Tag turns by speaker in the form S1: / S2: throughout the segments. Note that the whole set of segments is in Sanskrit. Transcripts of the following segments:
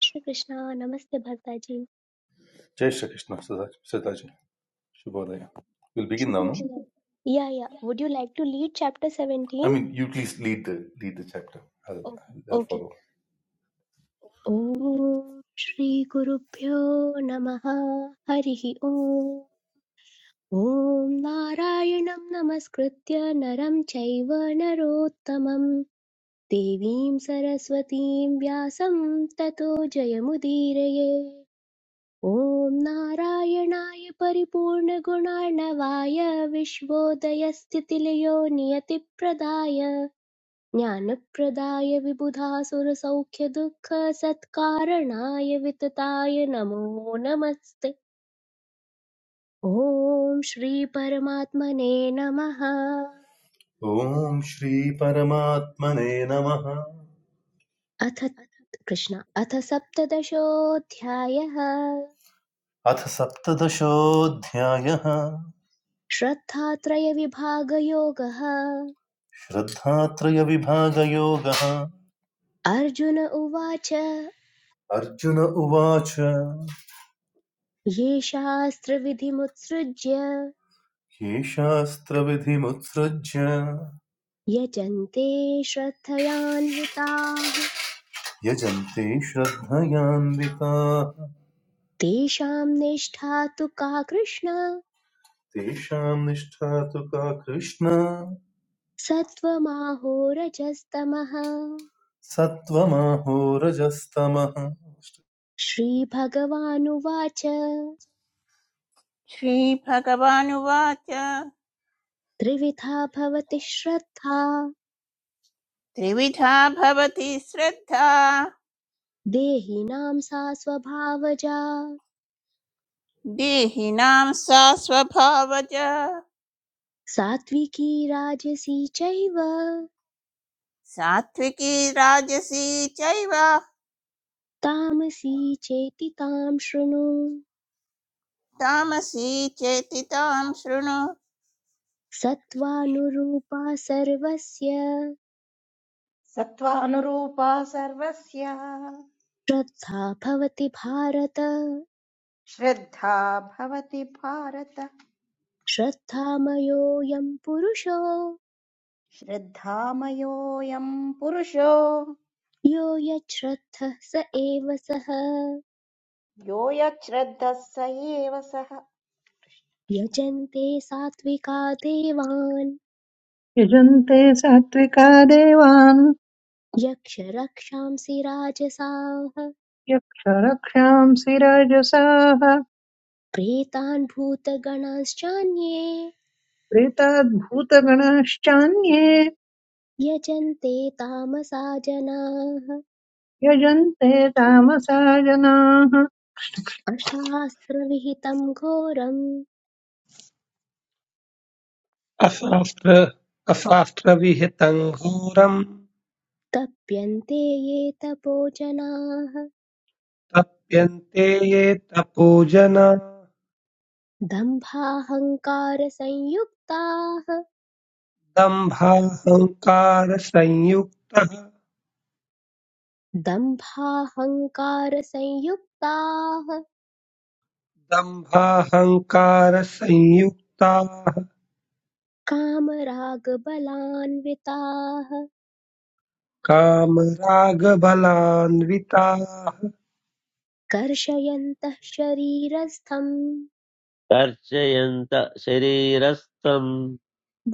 S1: Shri Krishna, Namaste Bhartaji.
S2: Jai Shri Krishna, Sardar- Sardarji. Shubhodaya. We'll begin
S1: Shri
S2: now, no?
S1: Krishna. Yeah, yeah. Would you like to lead chapter
S2: I
S1: 17?
S2: mean, you please lead the lead the chapter. I'll, I'll
S1: Okay.
S2: follow.
S1: Om Shri Guru Pyo Namaha Harihi Om. ॐ नारायणं नमस्कृत्य नरं चैव नरोत्तमं देवीं सरस्वतीं व्यासं ततो जयमुदीरये ॐ नारायणाय परिपूर्णगुणार्णवाय विश्वोदयस्थितिलयो नियतिप्रदाय ज्ञानप्रदाय विबुधासुरसौख्यदुःखसत्कारणाय वितताय नमो नमस्ते ॐ श्रीपरमात्मने नमः
S2: ॐ श्रीपरमात्मने नमः
S1: अथ कृष्ण अथ सप्तदशोऽध्यायः
S2: अथ सप्तदशोऽध्यायः
S1: श्रद्धात्रयविभागयोगः
S2: श्रद्धात्रयविभागयोगः
S1: अर्जुन उवाच
S2: अर्जुन उवाच
S1: ये शास्त्रविधिमुत्सृज्य
S2: ये शास्त्रविधिमुत्सृज्य
S1: यजन्ते श्रद्धयान्विताः
S2: यजन्ते श्रद्धयान्विताः
S1: तेषां निष्ठा तु का कृष्ण
S2: तेषां निष्ठा तु का कृष्ण
S1: सत्त्वमाहोरजस्तमः
S2: सत्त्वमहो रजस्तमः
S1: श्रीभगवानुवाच
S3: श्रीभगवानुवाच
S1: त्रिविधा भवति श्रद्धा
S3: त्रिविधा भवति श्रद्धा
S1: देहिनां सा स्वभावजा
S3: देहिनां सा स्वभावज
S1: सात्विकी राजसी चैव
S3: सात्विकी राजसी चैव
S1: तामसी चेति तां शृणु
S3: तामसी चेति तां शृणु
S1: सत्त्वानुरूपा सर्वस्य
S4: सत्त्वानुरूपा सर्वस्य
S1: श्रद्धा भवति भारत
S4: श्रद्धा भवति भारत
S1: श्रद्धामयोऽयं पुरुषो
S4: श्रद्धामयोऽयं पुरुषो
S1: यो यच्छ्रद्धः स एव सः
S4: यो यच्छ्रद्धः स एव सः
S1: यजन्ते सात्विका देवान्
S5: यजन्ते सात्विका देवान्
S1: यक्षरक्षांसि राजसाः
S5: यक्षरक्षांसि राजसाः
S1: प्रेतान् भूतगणांश्चान्ये
S5: प्रेताद्भूतगणश्चान्ये
S1: यजन्ते तामसा जनाः
S5: यजन्ते तामसा जनाः
S1: अशास्त्रविहितं घोरम्
S6: अशास्त्रविहितं घोरं
S1: तप्यन्ते ये तपो जनाः
S6: तप्यन्ते ये तपोजना
S1: दम्भाहङ्कारसंयुक्ताः
S6: दम्भाहङ्कारसंयुक्तः
S1: दम्भाहङ्कारसंयुक्ताः
S6: दम्भाहङ्कारसंयुक्ताः
S1: कामरागबलान्विताः
S6: कामरागबलान्विताः
S1: कर्षयन्तः शरीरस्थं
S7: कर्षयन्त शरीरस्थम्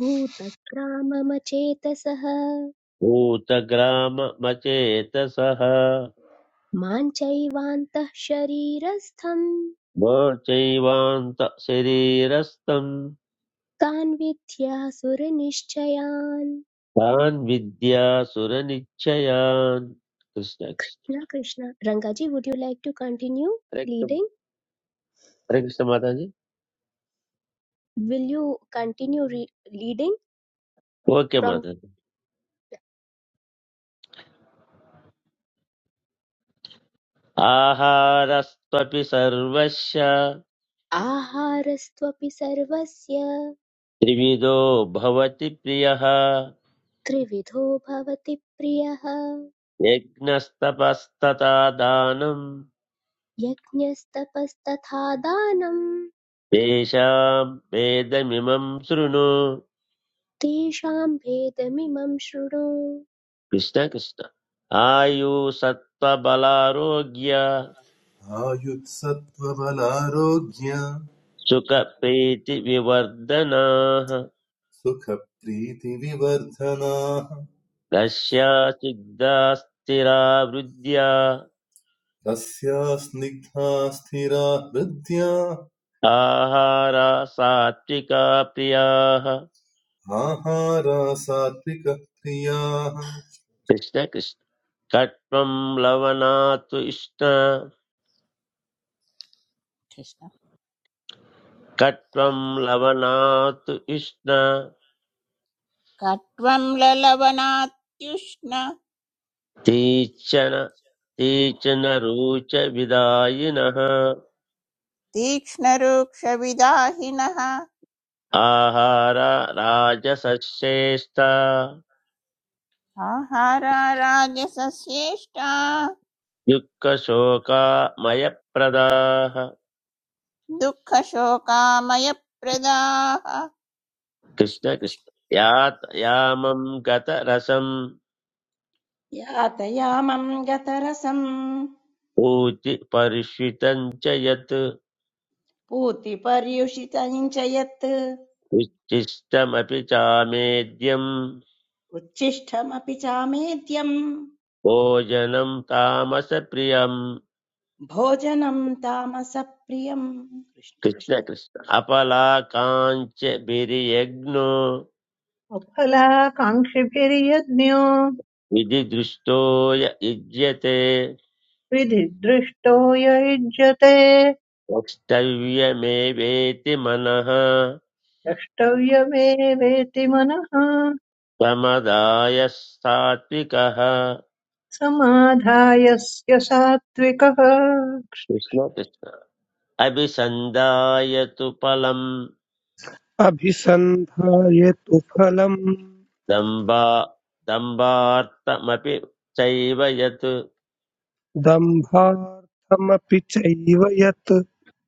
S1: भूतक्राममचेतसः
S7: भूतग्राममचेतसः
S1: मां चैवान्तः शरीरस्थं
S7: मोचैवान्त शरीरस्थम्
S1: तान् विद्यासुरनिश्चयान्
S7: तान् विद्यासुरनिश्चयान् कृष्ण कृष्ण।
S1: न Krishna Rangaji would you like to
S7: Hare Krishna
S1: continue
S7: हरे कृष्ण माताजि
S1: Will you continue re- reading
S7: okay
S1: from
S7: Mataji आहारस्त्वपि सर्वस्य
S1: आहारस्त्वपि सर्वस्य
S7: त्रिविधो भवति प्रियः
S1: त्रिविधो भवति प्रियः
S7: यज्ञस्तपस्तथा दानम्
S1: यज्ञस्तपस्तथा दानं
S7: तेषाम् वेदमिमम् शृणु
S1: तेषां भेदमिमं शृणु
S7: कृष्ण कृष्ण आयु सत्त्वबलारोग्य
S2: आयुत्सत्त्वबलारोग्य
S7: सुखप्रीतिविवर्धनाः
S2: सुखप्रीतिविवर्धनाः
S7: कस्या सिद्धा स्थिरा वृद्ध्या
S2: रस्या स्निग्धा स्थिरा हृद्या
S7: आहारा सात्विका प्रियाः
S2: आहारा सात्विकः प्रियाः
S7: कृष्ण कृष्ण कट्वं लवणात् इष्ण
S3: कृष्ण
S7: कट्वं लवणात् इष्ण
S3: कट्वं ललवनात्युष्ण
S7: तीक्ष्ण तीक्ष्णरुचविदायिनः
S3: तीक्ष्णरूक्षविदाहिनः
S7: आहार राजसस्येस्त
S3: आहारा राजसस्येष्टा
S7: दुःखशोकामयप्रदाः
S3: दुःखशोकामयप्रदाः
S7: कृष्ण
S3: कृष्ण
S7: कृष्ण यात् यामं गतरसं
S4: यातयामं गतरसं
S7: ऊचि परिष्वितं च यत्
S4: पूतिपर्युषितं च यत्
S7: उच्छिष्टमपि चामेद्यं
S4: उच्छिष्टमपि चामेद्यं
S7: भोजनं तामसप्रियं
S4: भोजनं तामसप्रियं कृष्ण
S7: कृष्ण
S4: कृष्ण
S7: कृष्ण अपलाकाञ्च बिर्यज्ञो
S5: अफलाकाङ्क्षिभिर्यज्ञो
S7: विधिदृष्टो य युज्यते
S5: विधिदृष्टो य युज्यते
S7: वक्तव्यमेवेति मनः
S5: द्रष्टव्यमेवेति मनः
S7: त्वमदाय सात्विकः
S5: समाधाय स्य सात्विकः
S7: कृष्ण कृष्ण अभिसन्धाय तु फलम्
S6: अभिसन्धायतु फलम्
S7: दम्बा दम्बार्थमपि चैव यत्
S6: दम्भार्थमपि चैव यत्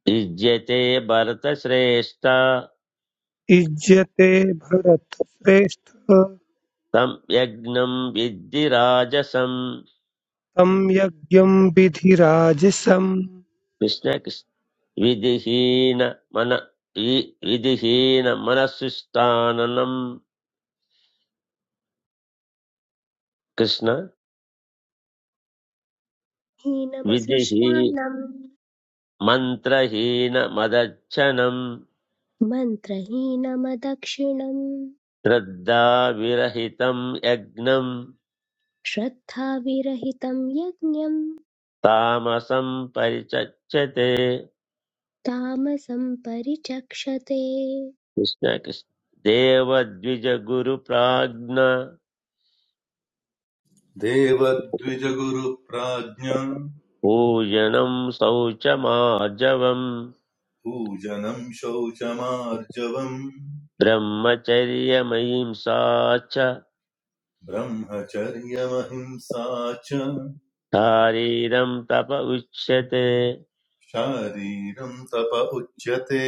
S7: युज्यते भरतश्रेष्ठ
S6: इज्यते भरतश्रेष्ठ
S7: तं यज्ञं विद्धि राजसं
S6: तं यज्ञं विधिराजिसं
S7: कृष्ण कृष्ण विधिहीन मन वि- विधिहीन मनसुष्ठाननं कृष्ण विधिः
S1: हीनमसृष्टान्नं
S7: मन्त्रहीनमदच्छनं
S1: मन्त्रहीनमदक्षिणम्
S7: श्रद्धाविरहितं यज्ञं
S1: श्रद्धाविरहितं यज्ञं
S7: तामसं परिचच्यते
S1: तामसं परिचक्षते
S7: कृष्ण कृष्ण देवद्विजगुरुप्राज्ञ
S2: देवद्विजगुरुप्राज्ञा
S7: पूजनं शौचमार्जवम्
S2: पूजनं शौचमार्जवम्
S7: ब्रह्मचर्यमयिंसा च
S2: ब्रह्मचर्यमहिंसा च
S7: शारीरं तप उच्यते
S2: शारीरं तप उच्यते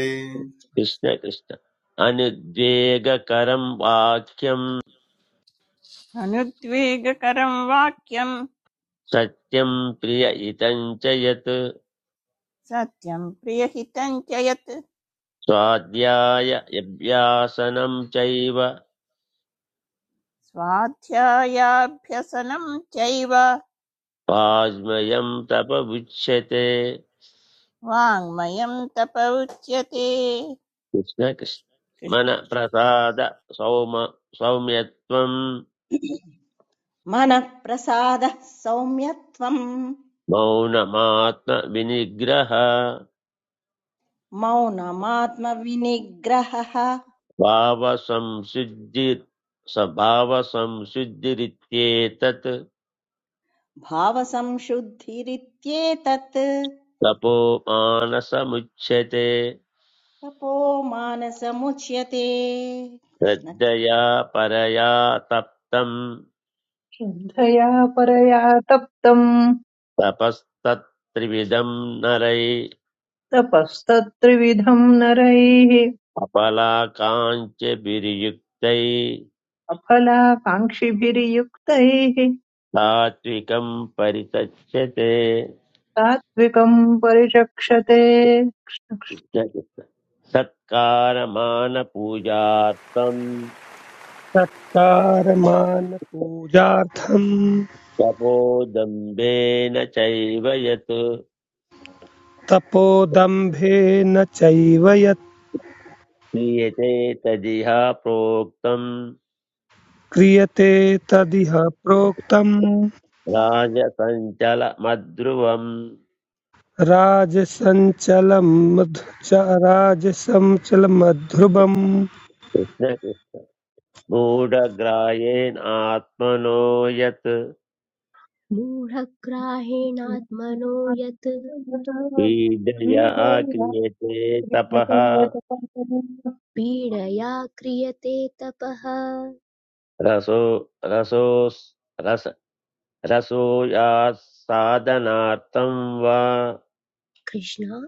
S7: कृष्ण कृष्ण अनुद्वेगकरं वाक्यं
S3: अनुद्वेगकरं वाक्यं
S7: सत्यं प्रिय इतं च यत्
S3: सत्यं प्रियहितं च यत्
S7: स्वाध्याय यभ्यासनं चैव
S3: स्वाध्यायाभ्यसनं चैव
S7: वाङ्मयं तप उच्यते
S3: वाङ्मयं तप उच्यते कृष्ण कृष्ण।
S7: कृष्णकृष्णमनप्रसाद सौम सौम्यत्वं
S4: मनः प्रसादः सौम्यत्वम्
S7: मौनमात्मविनिग्रह
S4: मौनमात्मविनिग्रहः
S7: भावसंशुद्धि स्वभावसंशुद्धिरित्येतत्
S4: भावसंशुद्धिरित्येतत्
S7: तपो मानसमुच्यते
S4: तपोमानसमुच्यते कृष्ण
S7: श्रद्धया परया तप्तं
S5: श्रद्धया परया तप्तम्
S7: तपस्तत्त्रिविधं नरै
S5: तपस्तत्त्रिविधम् नरैः
S7: अपलाकाञ्च विनियुक्तै
S5: अफलाकाङ्क्षिभिर्युक्तैः
S7: सात्विकं परितच्छते
S5: सात्विकम् परिचक्षते
S7: सत्कारमानपूजार्थं
S6: सत्कारमानपूजार्थं
S7: तपोदम्भेन चैव यत्
S6: तपोदम्भेन चैव यत्
S7: क्रियते तदिह प्रोक्तं
S6: क्रियते तदिह प्रोक्तम्
S7: राजसञ्चलमध्रुवम्
S6: राजसञ्चलं च राजसञ्चलमध्रुवम्
S7: मूढग्रायेणात्मनो यत्
S1: मूढग्राहेणात्मनो यत्
S7: पीडया क्रियते तपः
S1: पीडया क्रियते तपः
S7: रसो रसोस् रस रसोयासाधनार्थं वा
S1: कृष्ण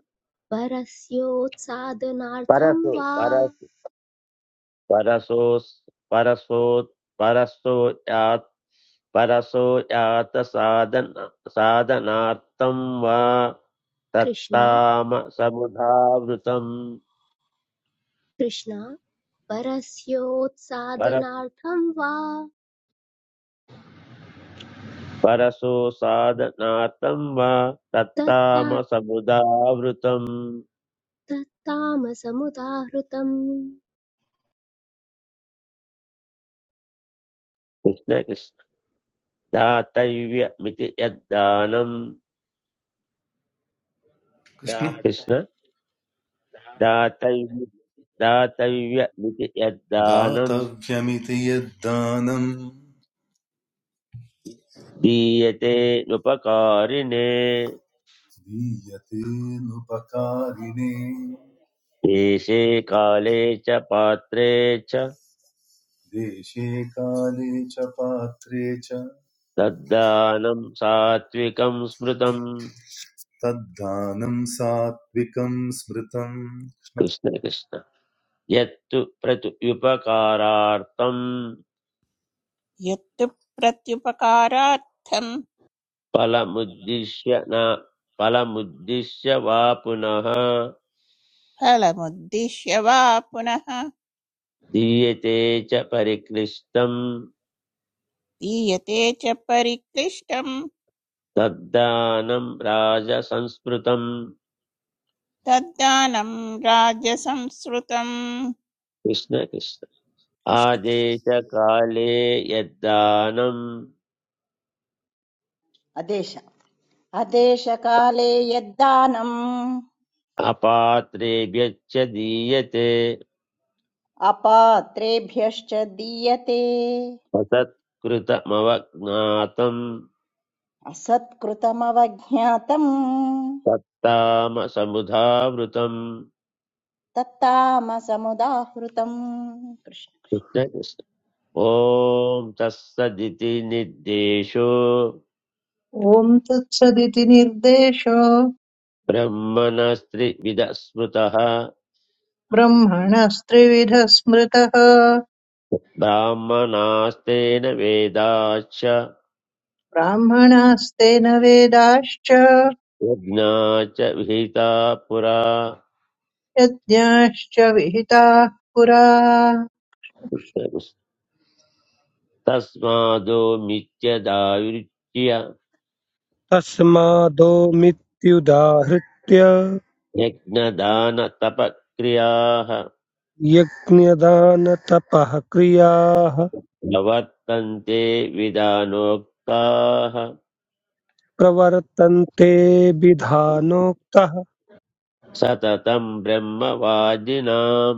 S1: परस्योत्सादनार्थं
S7: परसो
S1: वा
S7: परस् परसोस् परसो परसो यात् परसो यात साधन साधनार्थं वा
S1: कृष्ण
S7: तत्ताम समुधावृतं
S1: कृष्ण
S7: पर
S1: परस्योत्सादनार्थं वा
S7: परसो साधनार्थं वा
S1: तत्ता
S7: तत्ताम समुदावृतं
S1: तत्तामसमुदाहृतम्
S7: कृष्ण कृष्ण दातव्यमिति यद्दानं
S2: कृष्ण
S7: कृष्ण दातव्य दातव्यमिति यद्दानं
S2: दातव्यमिति यद्दानम्
S7: दीयते नुपकारिणे
S2: दीयतेऽनुपकारिणे
S7: देशे काले च पात्रे च
S2: देशे काले च पात्रे च
S7: तद्दानं सात्विकं स्मृतम्
S2: तद्दानम् सात्विकम् स्मृतम् कृष्ण-
S7: कृष्ण कृष्ण यत्तु प्रत्युपकारार्थं
S3: यत्तु प्रत्युपकारार्थं
S7: फलमुद्दिश्य न फलमुद्दिश्य वा पुनः
S3: फलमुद्दिश्य वा पुनः
S7: दीयते च परिक्लिष्टं
S3: दीयते च परिक्लिष्टं
S7: तद्दानं राजसंस्मृतम्
S3: तद्दानं राजसंस्कृतम्
S7: कृष्ण कृष्ण
S3: कृष्णकृष्ण
S7: आदेशकाले यद्दानम्
S4: अदेश अदेशकाले यद्दानम्
S7: अपात्रेभ्यश्च दीयते
S4: अपात्रेभ्यश्च दीयते
S7: असत्कृतमवज्ञातम्
S4: असत्कृतमवज्ञातम्
S7: तत्तामसमुधावृतम्
S4: तत्तामसमुदाहृतम् कृष्ण
S7: कृष्ण कृष्ण ॐ तत्सदिति निर्देशो
S5: ॐ तत्सदिति निर्देशो
S7: ब्रह्मणस्त्रिविदस्मृतः
S5: ब्रह्मणस्त्रिविध स्मृतः
S7: ब्राह्मणास्तेन वेदाश्च
S5: ब्राह्मणास्तेन वेदाश्च
S7: यज्ञा विहिता पुरा
S5: यज्ञाश्च विहिताः पुरा
S7: तस्मादो मिथ्यदायुज्य
S6: तस्मादो मित्युदाहृत्य
S7: यज्ञदानतपक्रियाः
S6: यज्ञदानतपः क्रियाः
S7: प्रवर्तन्ते विधानोक्ताः
S6: प्रवर्तन्ते विधानोक्तः
S7: सततं ब्रह्मवादिनां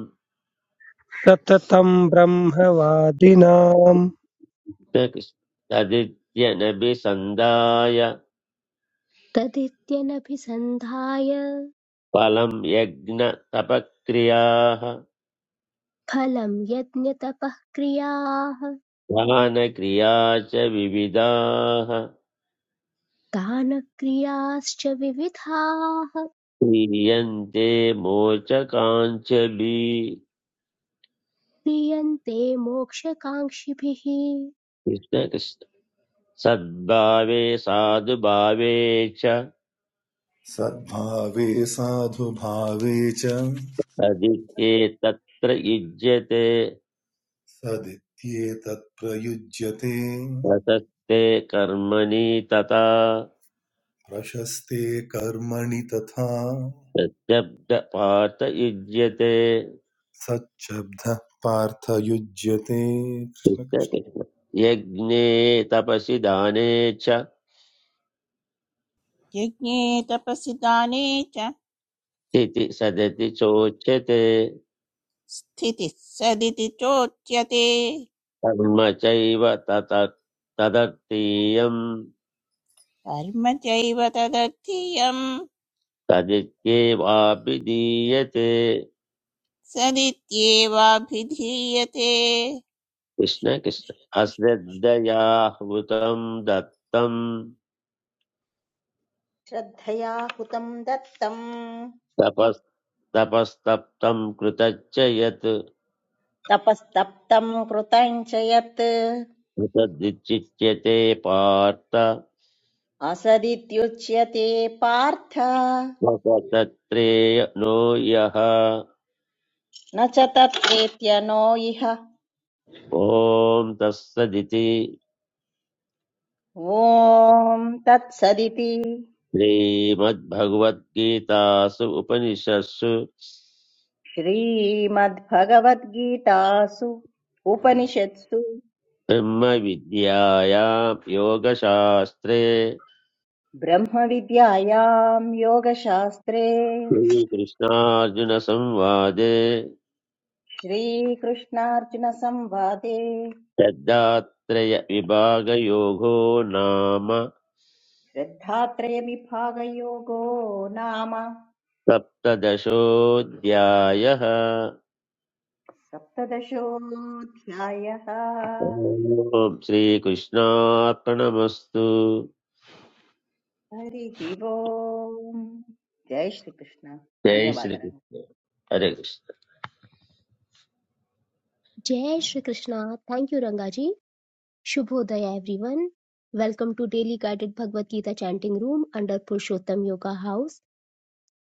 S6: सततं ब्रह्मवादिनाम्
S7: तदित्यनभिसन्धाय
S1: तदित्यनभिसन्धाय
S7: फलं यज्ञतपक्रियाः
S1: फलं यज्ञतपः क्रियाः
S7: दानक्रिया च विविधाः
S1: दानक्रियाश्च विविधाः
S7: क्रियन्ते मोचकाञ्चलि
S1: क्रियन्ते मोक्षकाङ्क्षिभिः
S7: कृष्ण कृष्ण सद्भावे साधुभावे च
S2: सद्भावे साधुभावे च
S7: तदित्येतत्र युज्यते
S2: सदित्येतत् प्रयुज्यते
S7: प्रशस्ते कर्मणि तथा
S2: प्रशस्ते कर्मणि तथा
S7: प्रत्यब्दपात युज्यते
S2: सच्छब्दः पार्थयुज्यते
S7: कृष्ण कृष्ण। यज्ञे तपसि दाने च
S3: यज्ञे तपसि दाने च
S7: इति सदति चोच्यते
S3: स्थितिः सदिति चोच्यते
S7: कर्म चैव तत तदर्थीयम्
S3: कर्म चैव तदर्थीयम्
S7: तदित्येवाभिधीयते
S3: सदित्येवाभिधीयते
S7: कृष्ण कृष्ण अश्रद्धयाहृतं दत्तं
S4: श्रद्धया हुतम् दत्तम्
S7: तपस्तपस्तप्तं कृतच्च यत्
S4: तपस्तप्तम् कृतम् च यत्
S7: तद्विचिच्यते पार्थ
S4: असदित्युच्यते पार्थ
S7: स्वतत्रेनो यः
S4: न च तत्प्रेत्य नो इह
S7: ॐ तत्सदिति
S4: ॐ तत्सदिति
S7: श्रीमद्भगवद्गीतासु उपनिषत्सु
S4: श्रीमद्भगवद्गीतासु उपनिषत्सु
S7: ब्रह्मविद्यायां योगशास्त्रे
S4: ब्रह्मविद्यायां योगशास्त्रे
S7: श्रीकृष्णार्जुनसंवादे
S4: श्रीकृष्णार्जुनसंवादे
S7: तद्धात्रयविभागयोगो नाम
S4: श्रद्धात्रयविभागयोगो नाम
S7: सप्तदशोऽध्यायः ॐ
S4: सप्तदशोऽध्यायः
S7: श्रीकृष्णार्पणमस्तु
S4: हरि ओम जय श्री कृष्ण
S7: जय
S4: धन्यवाद रंग
S7: श्रीकृष्ण हरे Krishna
S1: Jai Shri Krishna. Thank you, Rangaji. Shubhodaya, everyone. Welcome to Daily Guided Bhagavad Gita Chanting Room under Purushottam Yoga House.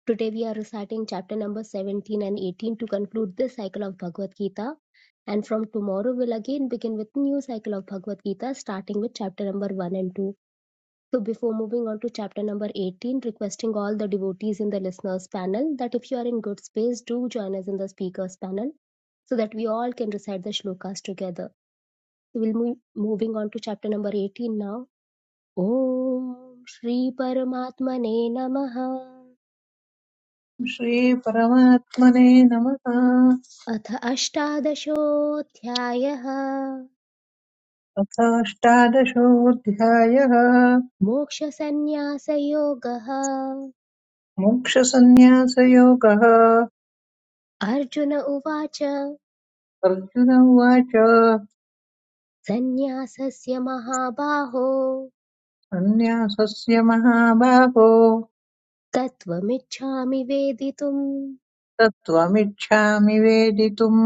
S1: Today we are reciting chapter number 17 and 18 to conclude this cycle of Bhagavad Gita. And from tomorrow we'll again begin with new cycle of Bhagavad Gita starting with chapter number 1 and 2. So before moving on to chapter number 18, requesting all the devotees in the listeners panel that if you are in good space, do join us in the speakers panel so that we all can recite the shlokas together. So we'll move moving on to chapter number 18 now. Om Shri Paramatmane Namaha.
S5: श्रीपरमात्मने नमः
S1: Atha अथ अष्टादशोऽध्यायः
S5: अथाष्टादशोऽध्यायः
S1: मोक्षसन्न्यासयोगः
S5: मोक्षसन्न्यासयोगः
S1: अर्जुन उवाच
S5: अर्जुन उवाच
S1: सन्न्यासस्य महाबाहो
S5: सन्न्यासस्य महाबाहो
S1: Veditum वेदितुम्
S5: तत्त्वमिच्छामि वेदितुम्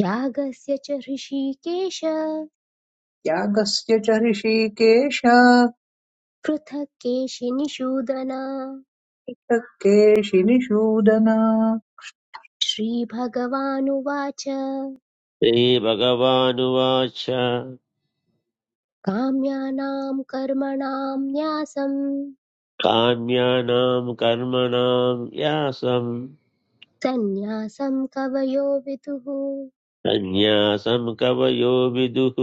S1: त्यागस्य च ऋषिकेश
S5: यागस्य च ऋषिकेश
S1: पृथक् केशिनिषूदन
S5: केशिनिषूदन
S1: श्रीभगवानुवाच
S7: श्रीभगवानुवाच
S1: काम्यानां कर्मणां न्यासं
S7: काम्यानां कर्मणां यासं
S1: सन्न्यासं कवयो विदुः
S7: सन्न्यासं कवयो विदुः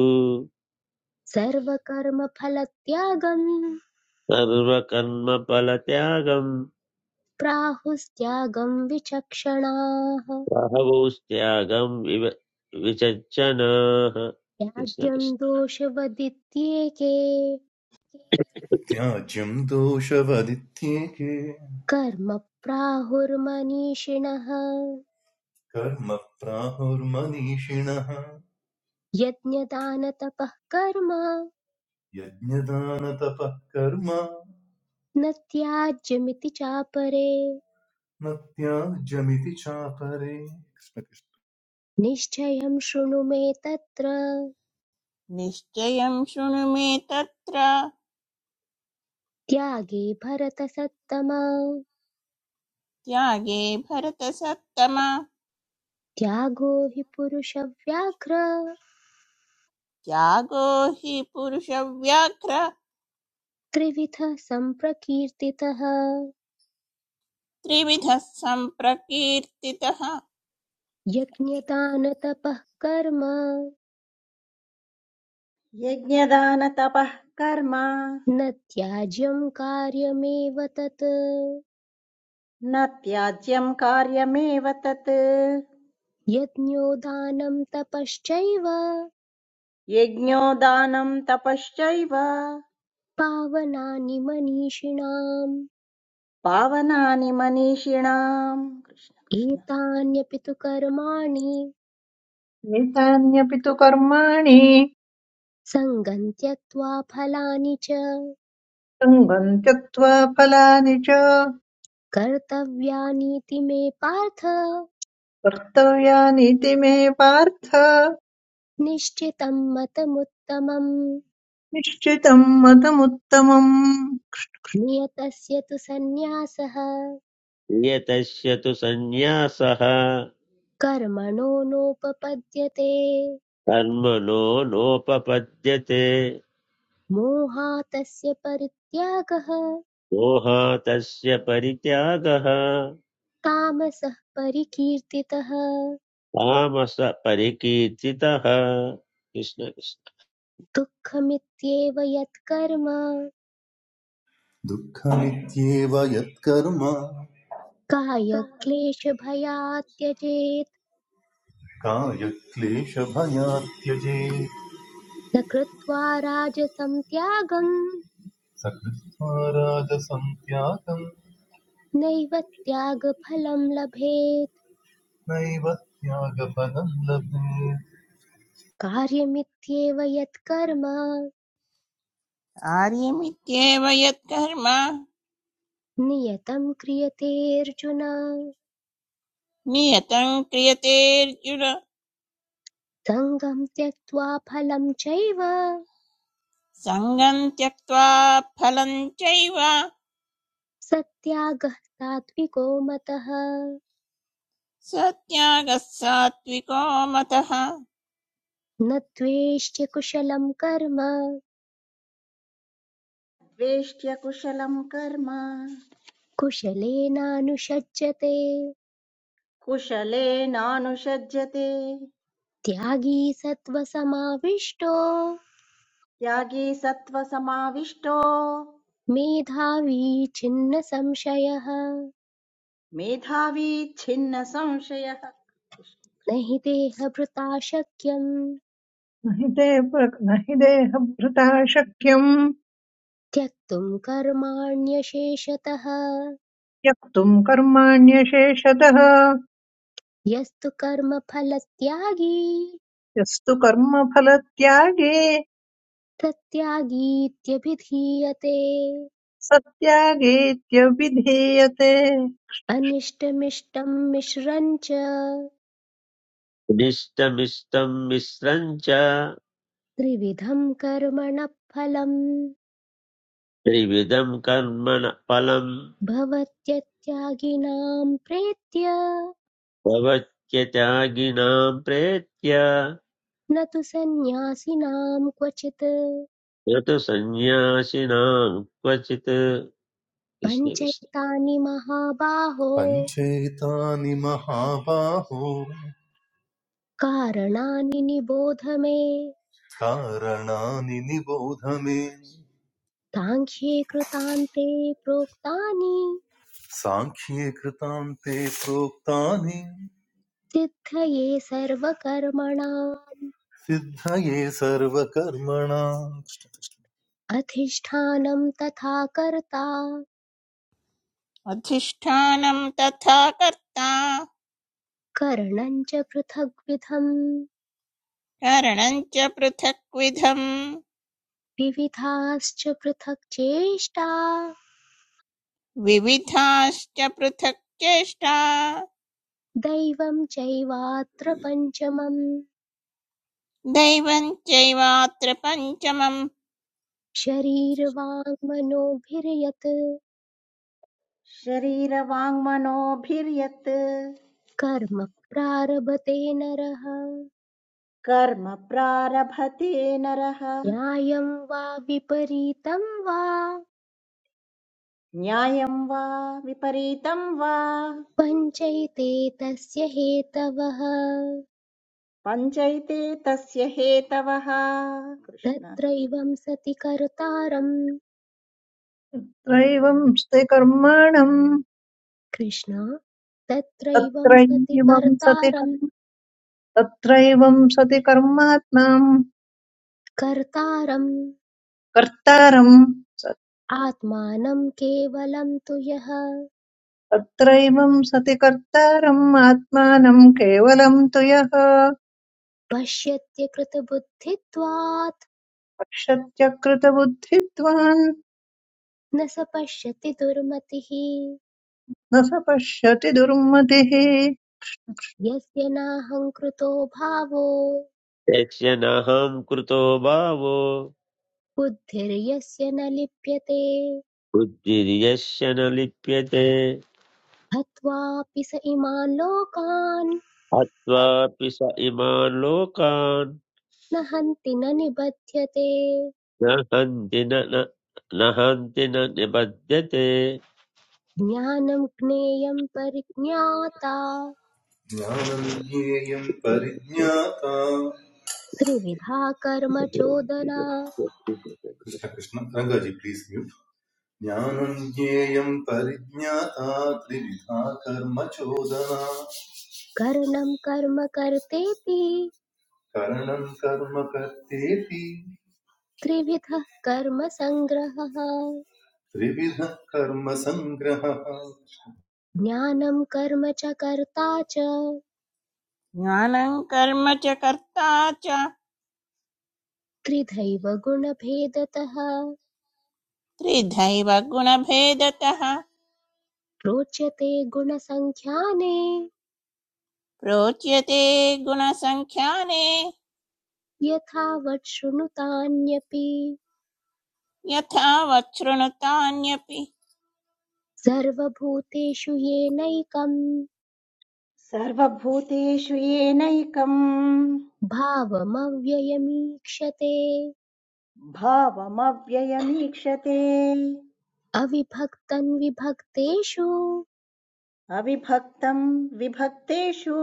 S1: सर्वकर्मफलत्यागं
S7: सर्वकर्मफलत्यागम्
S1: प्राहुस्त्यागं विचक्षणाः
S7: बहवोस्त्यागं विव विचज्जनाः कृष्ण
S1: त्याज्यं दोषवदित्येके
S7: कृष्ण
S2: त्याज्यं दोषवदित्येके
S1: कर्म प्राहुर्मनीषिणः
S2: कर्म प्राहुर्मनीषिणः
S1: यज्ञदानतपः कर्म
S2: यज्ञदानतपः कर्म
S1: न त्याज्यमिति चापरे
S2: न त्याज्यमिति चापरे
S1: निश्चयं शृणु मे तत्र
S3: निश्चयं शृणु मे तत्र
S1: त्यागे भरतसत्तम
S3: त्यागे भरतसत्तम
S1: त्यागो हि पुरुषव्याघ्र
S3: त्यागो हि पुरुषव्याघ्र
S1: त्रिविधः सम्प्रकीर्तितः
S3: त्रिविधः सम्प्रकीर्तितः
S1: यज्ञदानतपः कर्म
S4: यज्ञदानतपः कर्म
S1: न त्याज्यं कार्यमेव तत्
S4: न त्याज्यम् कार्यमेव तत्
S1: यज्ञो दानं तपश्चैव
S4: यज्ञो दानं तपश्चैव
S1: पावनानि मनीषिणाम्
S4: पावनानि मनीषिणाम् कृष्ण कृष्ण
S1: एतान्यपि तु कर्माणि
S5: एतान्यपि तु कर्माणि
S1: सङ्गं त्यक्त्वा फलानि च
S5: सङ्गम् त्यक्त्वा फलानि च
S1: कर्तव्यानीति मे पार्थ
S5: कर्तव्यानीति मे पार्थ
S1: निश्चितं मतमुत्तमं
S5: निश्चितम् मतमुत्तमम्
S1: नियतस्य तु सन्न्यासः
S7: यतस्य तु सन्न्यासः
S1: कर्मणो नोपपद्यते
S7: कर्मणो नोपपद्यते
S1: मोहातस्य परित्यागः
S7: मोहातस्य परित्यागः
S1: तामसः परिकीर्तितः
S7: तामस परिकीर्तितः कृष्ण कृष्ण
S1: दुःखमित्येव यत्कर्म
S2: दुःखमित्येव यत्कर्म
S1: कायक्लेशभयात् त्यजेत्
S2: कायक्लेशभयात् त्यजेत्
S1: न कृत्वा राजसं त्यागं
S2: स राजसं त्यागं
S1: नैव त्यागफलं लभेत्
S2: नैव त्यागफलं लभेत्
S1: कार्यमित्येव यत्कर्म
S3: कार्यमित्येव यत्कर्म
S1: नियतं क्रियतेऽर्जुन
S3: नियतं क्रियतेऽर्जुन
S1: सङ्गं त्यक्त्वा फलं चैव
S3: सङ्गम् त्यक्त्वा फलम् चैव
S1: सत्यागः सात्विको मतः
S3: सत्यागः सात्विको मतः
S1: न द्वेष्ट्य कुशलं कर्म
S4: वेष्ट्य कुशलम् कर्म
S1: कुशलेनानुषज्यते
S4: कुशलेनानुषज्यते
S1: त्यागी सत्त्वसमाविष्टो
S4: त्यागी सत्त्वसमाविष्टो
S1: मेधावी छिन्न संशयः
S4: मेधावी छिन्न संशयः
S1: न हि देहभृता शक्यं
S5: न हि ते न हि देहभृता शक्यम्
S1: त्यक्तुं कर्माण्यशेषतः
S5: त्यक्तुम् कर्माण्यशेषतः
S1: यस्तु कर्मफलत्यागी
S5: यस्तु कर्मफलत्यागे
S1: प्रत्यागीत्यभिधीयते
S5: सत्यागेत्यभिधीयते
S1: अनिष्टमिष्टं मिश्रं च
S7: निष्टमिष्टं मिश्रं च
S1: त्रिविधं कर्मणः फलम्
S7: त्रिविधं कर्मण फलं
S1: भवत्यत्यागिनां प्रेत्य
S7: प्रवच्य त्यागिनां प्रेत्य
S1: न तु सन्न्यासिनां क्वचित्
S7: यत सन्न्यासिनां क्वचित् कृष्णकृष्ण
S1: पञ्चैतानि महाबाहो
S2: पञ्चेतानि महाबाहो
S1: कारणानि निबोध मे
S2: कारणानि निबोध मे
S1: ताङ्ख्ये कृतान्ते प्रोक्तानि
S2: साङ्ख्ये कृतान्ते प्रोक्तानि
S1: सिद्धये सर्वकर्मणा
S2: सिद्धये सर्वकर्मणाम्
S1: अधिष्ठानं तथा कर्ता
S3: अधिष्ठानं तथा कर्ता
S1: करणं च पृथग्विधं
S3: करणं च पृथक्विधम्
S1: विविधाश्च पृथक् चेष्टा
S3: विविधाश्च पृथक् चेष्टा
S1: दैवं चैवात्र पञ्चमम्
S3: दैवं चैवात्र पञ्चमम्
S1: शरीरवाङ्मनोभिर्यत्
S4: शरीरवाङ्मनोभिर्यत्
S1: कर्म प्रारभते नरः
S4: कर्म प्रारभते नरः
S1: न्यायं वा विपरीतं वा
S4: न्यायं वा विपरीतं वा
S1: पञ्चैते तस्य हेतवः
S4: पञ्चैते तस्य हेतवः कृष्ण कृष्ण।
S1: तत्रैवं सति कर्तारम्
S5: त्रैवं स्ते कर्माणम्
S1: कृष्ण तत्रैवं सति
S5: तत्रैवं सति
S1: कर्तारं
S5: कर्म तत्रैवं सति कर्मात्माम्
S1: कर्तारम्
S5: कर्तारम् स-
S1: आत्मानं केवलं तु यः
S5: तत्रैवं सति कर्तारम् आत्मानम् केवलम् तु यः
S1: पश्यत्य कृतबुद्धित्वात्
S5: पश्यत्यकृतबुद्धित्वान्
S1: न स पश्यति दुर्मतिः
S5: न स पश्यति दुर्मतिः
S1: यस्य नाहङ्कृतो भावो
S7: यस्य नाहं कृतो भावो
S1: बुद्धिर्यस्य न लिप्यते
S7: बुद्धिर्यस्य न लिप्यते
S1: हत्वापि स इमान् लोकान्
S7: हत्वापि स इमान् लोकान्
S1: न हन्ति न निबध्यते
S7: न हन्ति न न न हन्ति न निबध्यते
S1: ज्ञानं ज्ञेयं परिज्ञाता
S2: ज्ञानं ज्ञेयं परिज्ञाता
S1: त्रिविधा कर्म चोदना
S2: कृष्ण कृष्ण रङ्गाजी प्लीज म्यूट ज्ञानं ज्ञेयं परिज्ञाता त्रिविधा कर्म चोदना
S1: करणं कर्म कर्तेति
S2: करणं कर्म कर्तेति
S1: त्रिविधः कर्म सङ्ग्रहः
S2: त्रिविधः कर्म सङ्ग्रहः
S1: ज्ञानं कर्म च कर्ता च
S3: ज्ञानं कर्म च कर्ता च
S1: त्रिधैव गुणभेदतः
S3: त्रिधैव गुणभेदतः
S1: प्रोच्यते गुणसङ्ख्याने
S3: प्रोच्यते गुणसङ्ख्याने
S1: यथावत् शृणुतान्यपि
S3: यथा वच्छृणुतान्यपि
S1: सर्वभूतेषु येनैकं
S4: सर्वभूतेषु येनैकम्
S1: भावमव्ययमीक्षते
S4: भावमव्ययमीक्षते
S1: अविभक्तं विभक्तेषु
S4: अविभक्तं विभक्तेषु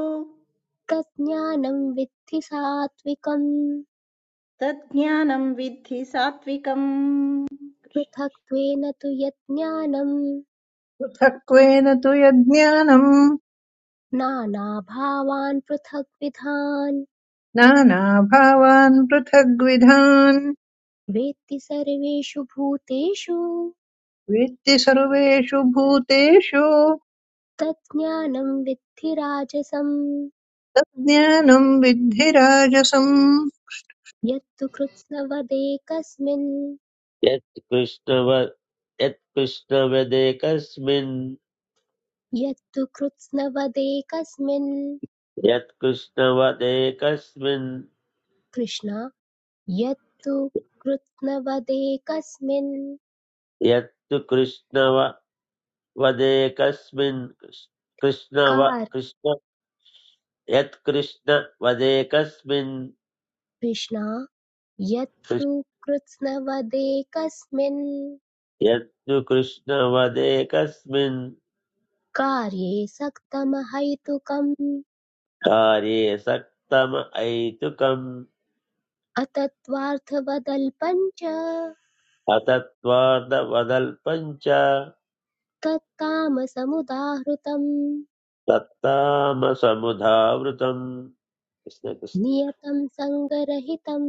S1: तज्ज्ञानं विद्धि सात्त्विकं
S4: तज्ज्ञानं विद्धि सात्विकम् कृष्ण।
S1: पृथक्त्वेन तु यज्ज्ञानं
S5: पृथक्त्वेन तु यज्ञानम्
S1: नानाभावान् पृथग्विधान्
S5: नानाभावान् पृथग्विधान्
S1: वेत्ति सर्वेषु भूतेषु
S5: वेत्ति सर्वेषु भूतेषु
S1: तज्ज्ञानं विद्धि राजसं
S5: तज्ज्ञानम् विद्धि राजसम्
S1: यत्तु कृत्स्नवदेकस्मिन्
S7: यत्कृष्णव यत्कृष्णवदेकस्मिन्
S1: यत्तु कृत्स्नवदेकस्मिन्
S7: यत्कृष्णवदेकस्मिन्
S1: कृष्ण यत्तु कृत्स्नवदेकस्मिन्
S7: यत्तु कृष्णव वदेकस्मिन् कृष्- कृष्ण व
S1: कार्
S7: कृष्ण यत्कृष्ण वदेकस्मिन्
S1: कृष्ण यत्तु
S7: कृष्-
S1: कृत्स्नवदेकस्मिन्
S7: यत्तु कृष्ण वदेकस्मिन्
S1: कार्ये सक्तमहैतुकम्
S7: कार्ये सक्तम ऐतुकम्
S1: अतत्त्वार्थवदल्पं च
S7: अतत्वार्धवदल्पम् च
S1: तत्तामसमुदाहृतम्
S7: तत्तामसमुधावृतम् कृष्ण कृष्ण
S1: नियतं सङ्गरहितं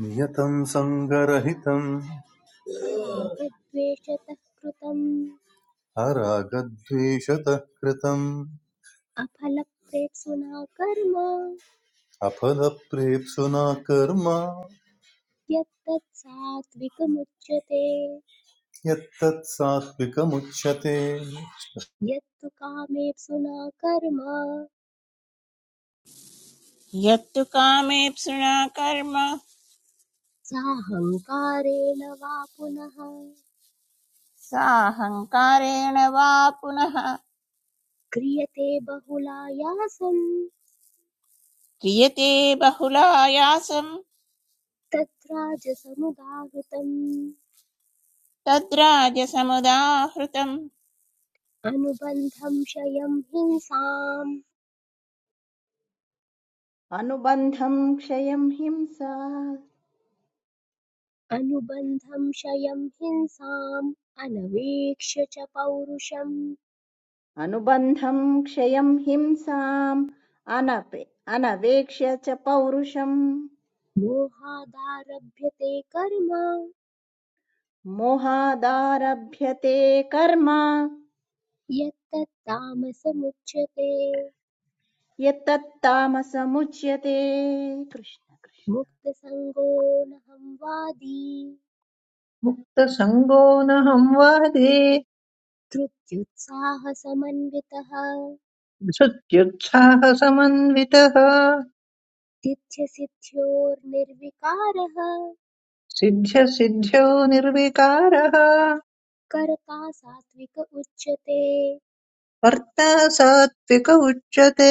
S2: नियतं सङ्गरहितं
S1: परागद्वेषतः कृतम्
S2: अरागद्वेषतः कृतम्
S1: अफलप्रेप्सुना कर्म
S2: अफलप्रेप्सुना कर्म
S1: यत्तत् सात्विकमुच्यते
S2: यत्तत् सात्विकमुच्यते
S1: यत्तु कामेप्सुना कर्म
S3: यत्तु कामेप्सुणा कर्म
S1: साहङ्कारेण वा पुनः
S3: साहङ्कारेण वा पुनः
S1: क्रियते बहुलायासं
S3: क्रियते बहुलायासं
S1: तत्राजसमुदाहृतम्
S3: तद्राजसमुदाहृतं
S1: अनुबन्धं क्षयं हिंसाम्
S4: अनुबन्धं क्षयं हिंसा
S1: अनुबन्धं क्षयं हिंसाम् अनवेक्ष्य च पौरुषम्
S4: अनुबन्धं क्षयं हिंसाम् अनपे अनवेक्ष्य च पौरुषम्
S1: मोहादारभ्यते कर्म
S4: मोहादारभ्यते कर्म
S1: यत्तत्तामसमुच्यते
S4: यत्तत्तामसमुच्यते कृष्ण कृष्ण
S1: मुक्तसङ्गो नहं वादी
S5: मुक्तसङ्गो न संवादे
S1: धृत्युत्साहसमन्वितः
S5: धृत्युत्साहसमन्वितः
S1: सिद्ध्यसिद्ध्योर्निर्विकारः
S5: सिद्ध्यसिद्ध्यो निर्विकारः
S1: कर्ता सात्विक उच्यते
S5: कर्ता सात्विक उच्यते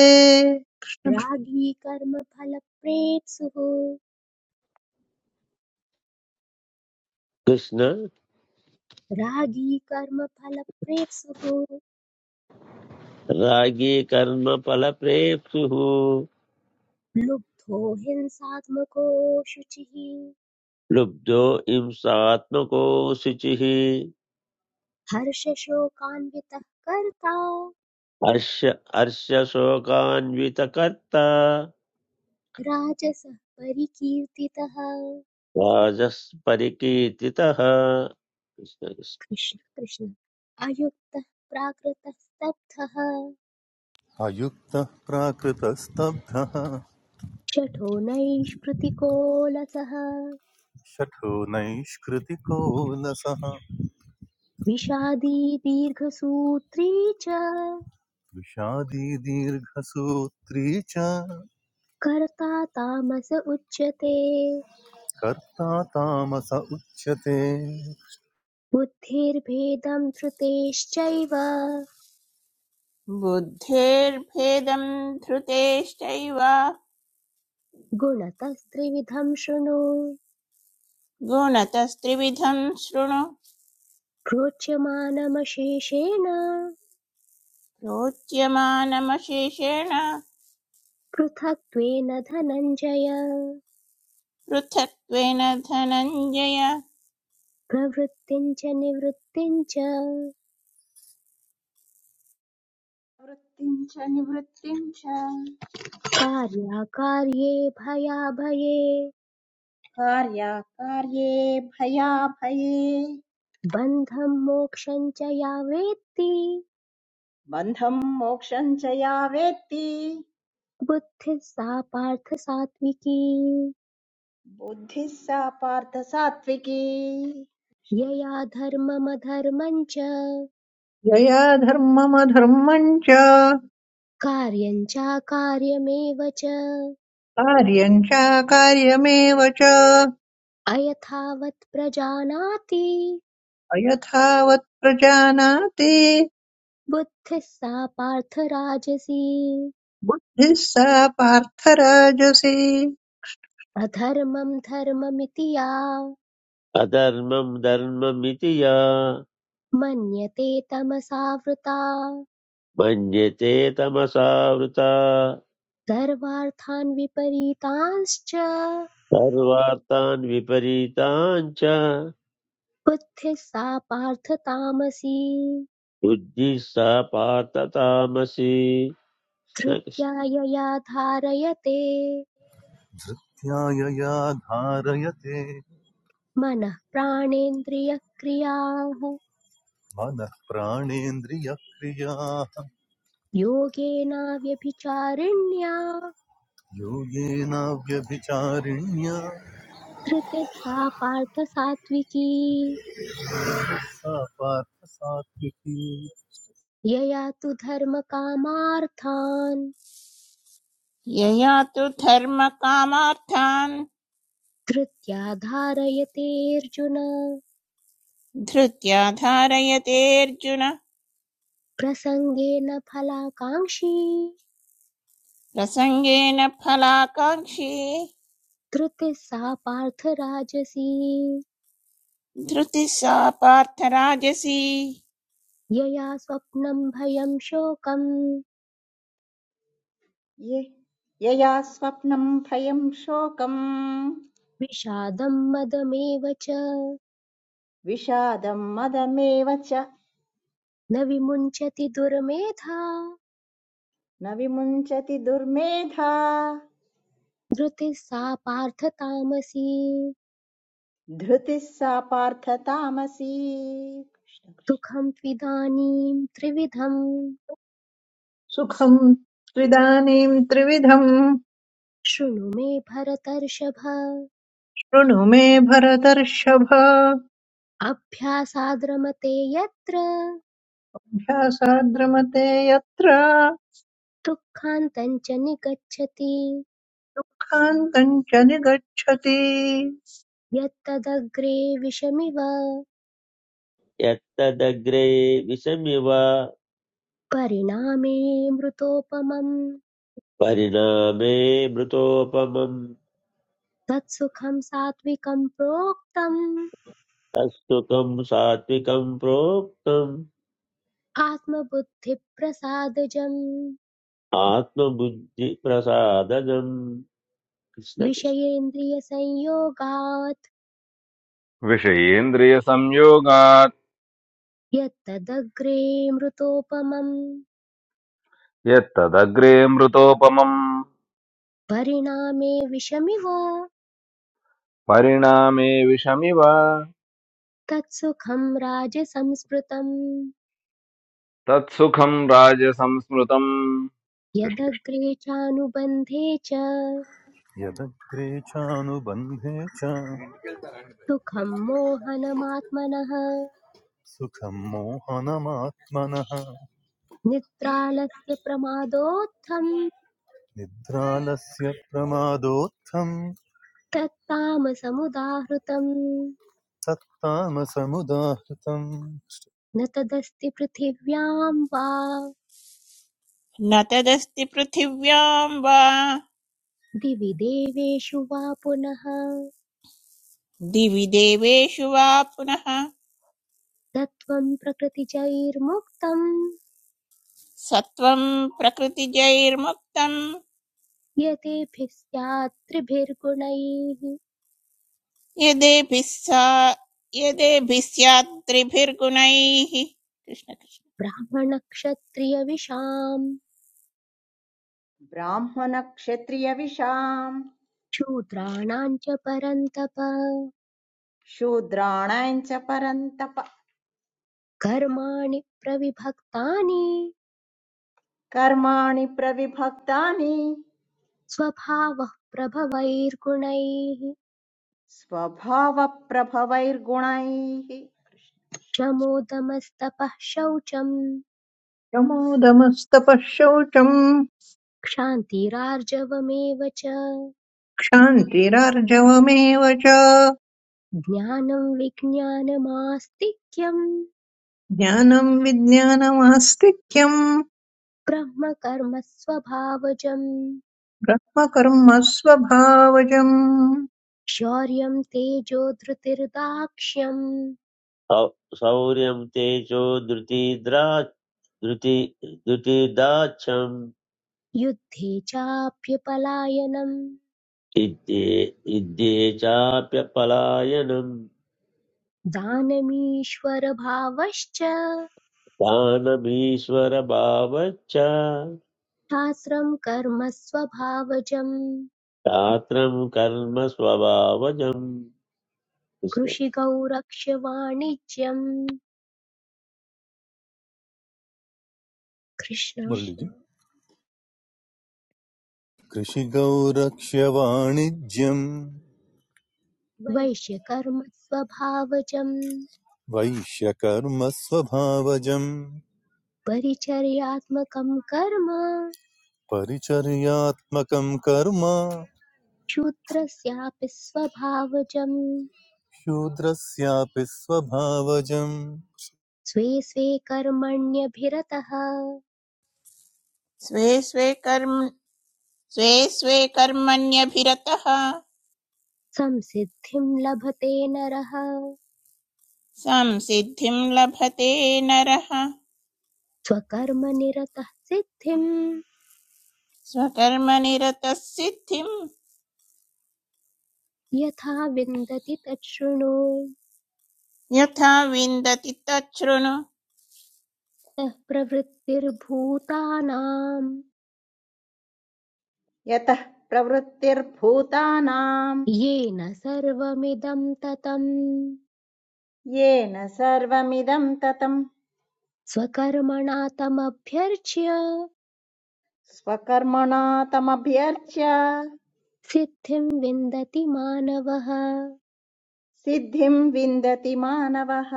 S1: रागी कर्मफलप्रेप्सुः
S7: कृष्ण
S1: रागी कर्मफलप्रेप्सुः
S7: रागी कर्म फलप्रेप्सुः
S1: लुब्धो हिंसात्मको शुचिः
S7: लुब्धो हिंसात्मको शुचिः
S1: हर्षशोकान्वितः कर्ता
S7: हर्ष हर्षशोकान्वितकर्ता
S1: राजसः परिकीर्तितः
S7: राजस्परिकीर्तितः
S1: कृष्ण कृष्ण अयुक्तः प्राकृतः स्तब्धः
S2: अयुक्तः प्राकृतस्तब्धः
S1: शठो नैष्कृतिको लसः
S2: शठो नैष्कृतिको लसः
S1: विषादी दीर्घसूत्री च
S2: विषादी दीर्घसूत्री च
S1: कर्ता तामस उच्यते
S2: कर्ता तामस उच्यते
S1: बुद्धिर्भेदं धृतेश्चैव
S3: बुद्धेर्भेदं धृतेश्चैव
S1: गुणतस्त्रिविधं शृणु
S3: गुणतस्त्रिविधं शृणु
S1: प्रोच्यमानमशेषेण
S3: प्रोच्यमानमशेषेण
S1: पृथक्त्वेन धनञ्जय
S3: पृथक्त्वेन धनञ्जय
S1: प्रवृत्तिं च निवृत्तिं च
S4: वृत्तिं च निवृत्तिं च
S1: कार्याकार्ये भयाभये
S4: कार्याकार्ये भयाभये
S1: बन्धं मोक्षं च या वेत्ति
S4: बन्धं मोक्षं च या वेत्ति
S1: बुद्धिः सा पार्थ सात्विकी
S4: बुद्धिः सा पार्थ सात्विकी
S1: यया धर्ममधर्मं च
S5: यया धर्ममधर्मम् च
S1: कार्यं चाकार्यमेव च
S5: कार्यम् चाकार्यमेव च
S1: अयथावत् प्रजानाति
S5: अयथावत् प्रजानाति
S1: बुद्धिः सा पार्थ राजसी
S5: बुद्धिः सा पार्थराजसी
S1: अधर्मं धर्ममिति या
S7: अधर्मं धर्ममिति या
S1: मन्यते तमसावृता
S7: मन्यते तमसावृता
S1: सर्वार्थान् विपरीतांश्च
S7: सर्वार्थान् विपरीतान् च
S1: बुद्धिः सा पार्थ तामसी
S7: बुद्धिः सा पार्थ तामसी
S1: धृत्या यया धारयते
S2: धृत्यायया धारयते
S1: मनः प्राणेन्द्रियक्रियाः
S2: मनः प्राणेन्द्रियक्रियाः
S1: योगेनाव्यभिचारिण्या
S2: योगेनाव्यभिचारिण्या
S1: धृतिस्सा पार्थ सात्विकी
S2: सा पार्थ सात्विकी
S1: यया तु धर्मकामार्थान्
S3: यया तु धर्मकामार्थान्
S1: धृत्या धारयतेऽर्जुन
S3: धृत्या धारयतेऽर्जुन
S1: प्रसङ्गेन फलाकाङ्क्षी
S3: प्रसङ्गेन फलाकाङ्क्षी
S1: धृतिः सा पार्थ राजसी
S3: धृतिः सा पार्थराजसी
S1: यया स्वप्नं भयं शोकं
S4: ये यया स्वप्नम् भयम् शोकम्
S1: विषादं मदमेव च
S4: विषादम् मदमेव च
S1: न विमुञ्चति दुर्मेधा
S4: न विमुञ्चति दुर्मेधा
S1: धृतिः सा पार्थ तामसी
S4: धृतिः सा पार्थ तामसी
S1: दुःखं त्विदानीं त्रिविधम्
S5: सुखम् त्रिदानीम् त्रिविधम्
S1: शृणु मे भरतर्षभ
S5: शृणु मे भरतर्षभ
S1: अभ्यासाद्रमते यत्र
S5: ध्यासाद्रमते यत्र
S1: दुःखान्तम् च निगच्छति
S5: कान्तम् च निगच्छति
S1: यत्तदग्रे विषमिव
S7: यत्तदग्रे विषमिव
S1: परिणामे मृतोपमम्
S7: परिणामे मृतोपमम्
S1: तत्सुखं सात्विकं प्रोक्तम्
S7: तत्सुखम् सात्विकम् प्रोक्तम्
S1: आत्मबुद्धिप्रसादजम्
S7: ఆత్మబుద్ధిప్రసాదజం కృష్ణ కృష్ణ
S1: विषयेन्द्रियसंयोगात्
S8: विषयेन्द्रियसंयोगात्
S1: यत्तदग्रे मृतोपमं
S8: यत्तदग्रे मृतोपमम्
S1: परिणामे विषमिव
S8: परिणामे विषमिव
S1: तत्सुखं राजसंस्मृतम्
S8: तत्सुखम् राजसंस्मृतम् कृष्ण कृष्ण
S1: यदग्रे चानुबन्धे च
S2: यदग्रे चानुबन्धे च
S1: सुखं मोहनमात्मनः
S2: सुखं मोहनमात्मनः
S1: निद्रालस्य प्रमादोत्थं
S2: निद्रालस्य प्रमादोत्थं
S1: तत्तामसमुदाहृतम्
S2: सत्तामसमुदाहृतम्
S1: न तदस्ति पृथिव्यां वा
S3: न तदस्ति पृथिव्यां वा
S1: दिवि देवेषु वा पुनः
S3: दिवि देवेषु वा पुनः
S1: तत्त्वं प्रकृतिजैर्मुक्तं
S3: सत्त्वं प्रकृतिजैर्मुक्तं
S1: यतेभिः स्यात् त्रिभिर्गुणैः
S3: यदेभिः सा यदेभिः स्यात् त्रिभिर्गुणैः कृष्ण कृष्ण
S1: ब्राह्मणक्षत्रियविषाम्
S4: ब्राह्मणक्षत्रियविषाम्
S1: शूद्राणां च परन्तप
S4: शूद्राणाम् च परन्तप
S1: कर्माणि प्रविभक्तानि
S4: कर्माणि प्रविभक्तानि
S1: स्वभावः प्रभवैर्गुणैः
S4: स्वभावप्रभवैर्गुणैः
S1: शमोदमस्तपः शौचम्
S5: शमोदमस्तपः शौचम्
S1: क्षान्तिरार्जवमेव च
S5: क्षान्तिरार्जवमेव च
S1: ज्ञानं विज्ञानमास्तिक्यं
S5: ज्ञानम् विज्ञानमास्तिक्यम्
S1: ब्रह्म कर्म स्वभावजम्
S5: ब्रह्मकर्म स्वभावजम्
S1: शौर्यं तेजो धृतिर्दाक्ष्यं
S7: సౌ- శౌర్యం తేజో ధృతిద్రా ధృతి ధృతిదాచం
S1: युद्धे चाप्यपलायनम्
S7: ఇద్దే ఇద్దే చాప్యపలాయనం
S1: दानमीश्वरभावश्च
S7: దానమీశ్వర భావచ్చ
S1: शास्त्रं कर्म स्वभावजम्
S7: శాస్త్రం కర్మ స్వభావజం కృష్ణ
S1: कृषिकौ रक्ष्य वाणिज्यम् कृष्ण
S2: कृषिगौरक्ष्य वाणिज्यम्
S1: वैश्यकर्म स्वभावजम्
S2: वैश्यकर्म स्वभावजम्
S1: परिचर्यात्मकं कर्म
S2: परिचर्यात्मकं कर्म
S1: शूद्रस्यापि स्वभावजम्
S2: शूद्रस्यापि स्वभावजम्
S1: स्वे स्वे कर्मण्यभिरतः
S3: स्वे स्वे कर्म स्वे स्वे कर्मण्यभिरतः
S1: संसिद्धिं लभते नरः
S3: संसिद्धिं लभते नरः
S1: स्वकर्मनिरतः सिद्धिं
S3: स्वकर्मनिरतः सिद्धिं
S1: यथा विन्दति तच्छृणु
S3: यथा विन्दति तच्छृणु
S1: सः प्रवृत्तिर्भूतानाम्
S4: यतः प्रवृत्तिर्भूतानाम्
S1: येन सर्वमिदं ततम्
S4: येन सर्वमिदं ततम्
S1: स्वकर्मणा तमभ्यर्च्य
S4: स्वकर्मणा तमभ्यर्च्य
S1: सिद्धिं विन्दति मानवः
S4: सिद्धिं विन्दति मानवः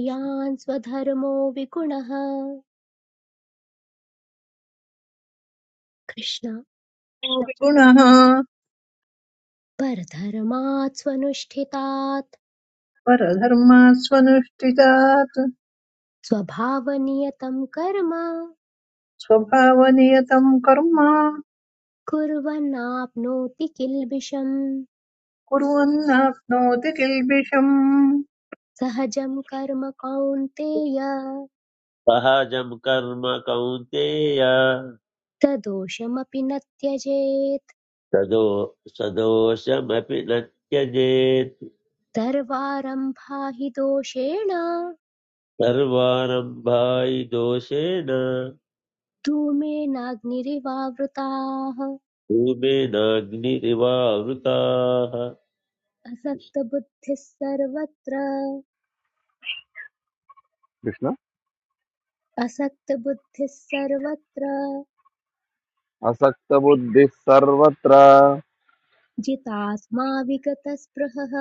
S4: कृष्ण
S1: स्वधर्मो विगुणः कृष्ण
S5: गुणः
S1: परधर्मात् स्वनुष्ठितात्
S5: परधर्मास्वनुष्ठितात्
S1: स्वभावनियतं कर्म
S5: स्वभावनियतम् कर्म
S1: कुर्वन्नाप्नोति किल्बिषम्
S5: कुर्वन्नाप्नोति किल्बिषम्
S1: सहजं कर्म कौन्तेय
S7: సహజం కర్మ కౌంతేయ
S1: स दोषमपि न त्यजेत्
S7: సదో సదోషమపి నత్యజేత్
S1: सर्वारम्भा हि दोषेण
S7: सर्वारम्भाय दोषेण
S1: धूमेनाग्निरिवावृताः
S7: धूमेनाग्निरिवावृताः
S1: असक्तबुद्धिः सर्वत्र
S8: कृष्ण
S1: असक्तबुद्धिः सर्वत्र
S8: असक्तबुद्धिः सर्वत्र
S1: जितात्मा विगतस्पृहः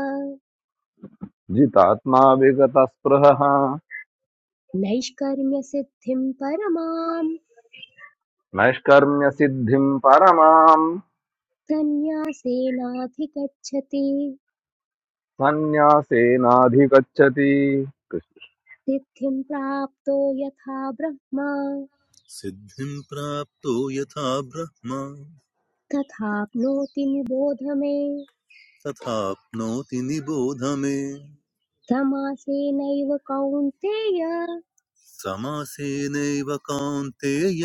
S8: जितात्मा विगतस्पृहः
S1: नैष्कर्म्यसिद्धिं परमां
S8: नैष्कर्म्यसिद्धिम् परमाम्
S1: सन्न्यासेनाधिगच्छति
S8: सन्न्यासेनाधिगच्छति कृष्ण।
S1: सिद्धिं प्राप्तो यथा ब्रह्मा
S2: सिद्धिं प्राप्तो यथा ब्रह्म
S1: तथाप्नोति निबोध मे
S2: तथाप्नोति निबोध मे
S1: समासेनैव कौन्तेय
S2: समासेनैव कान्तेय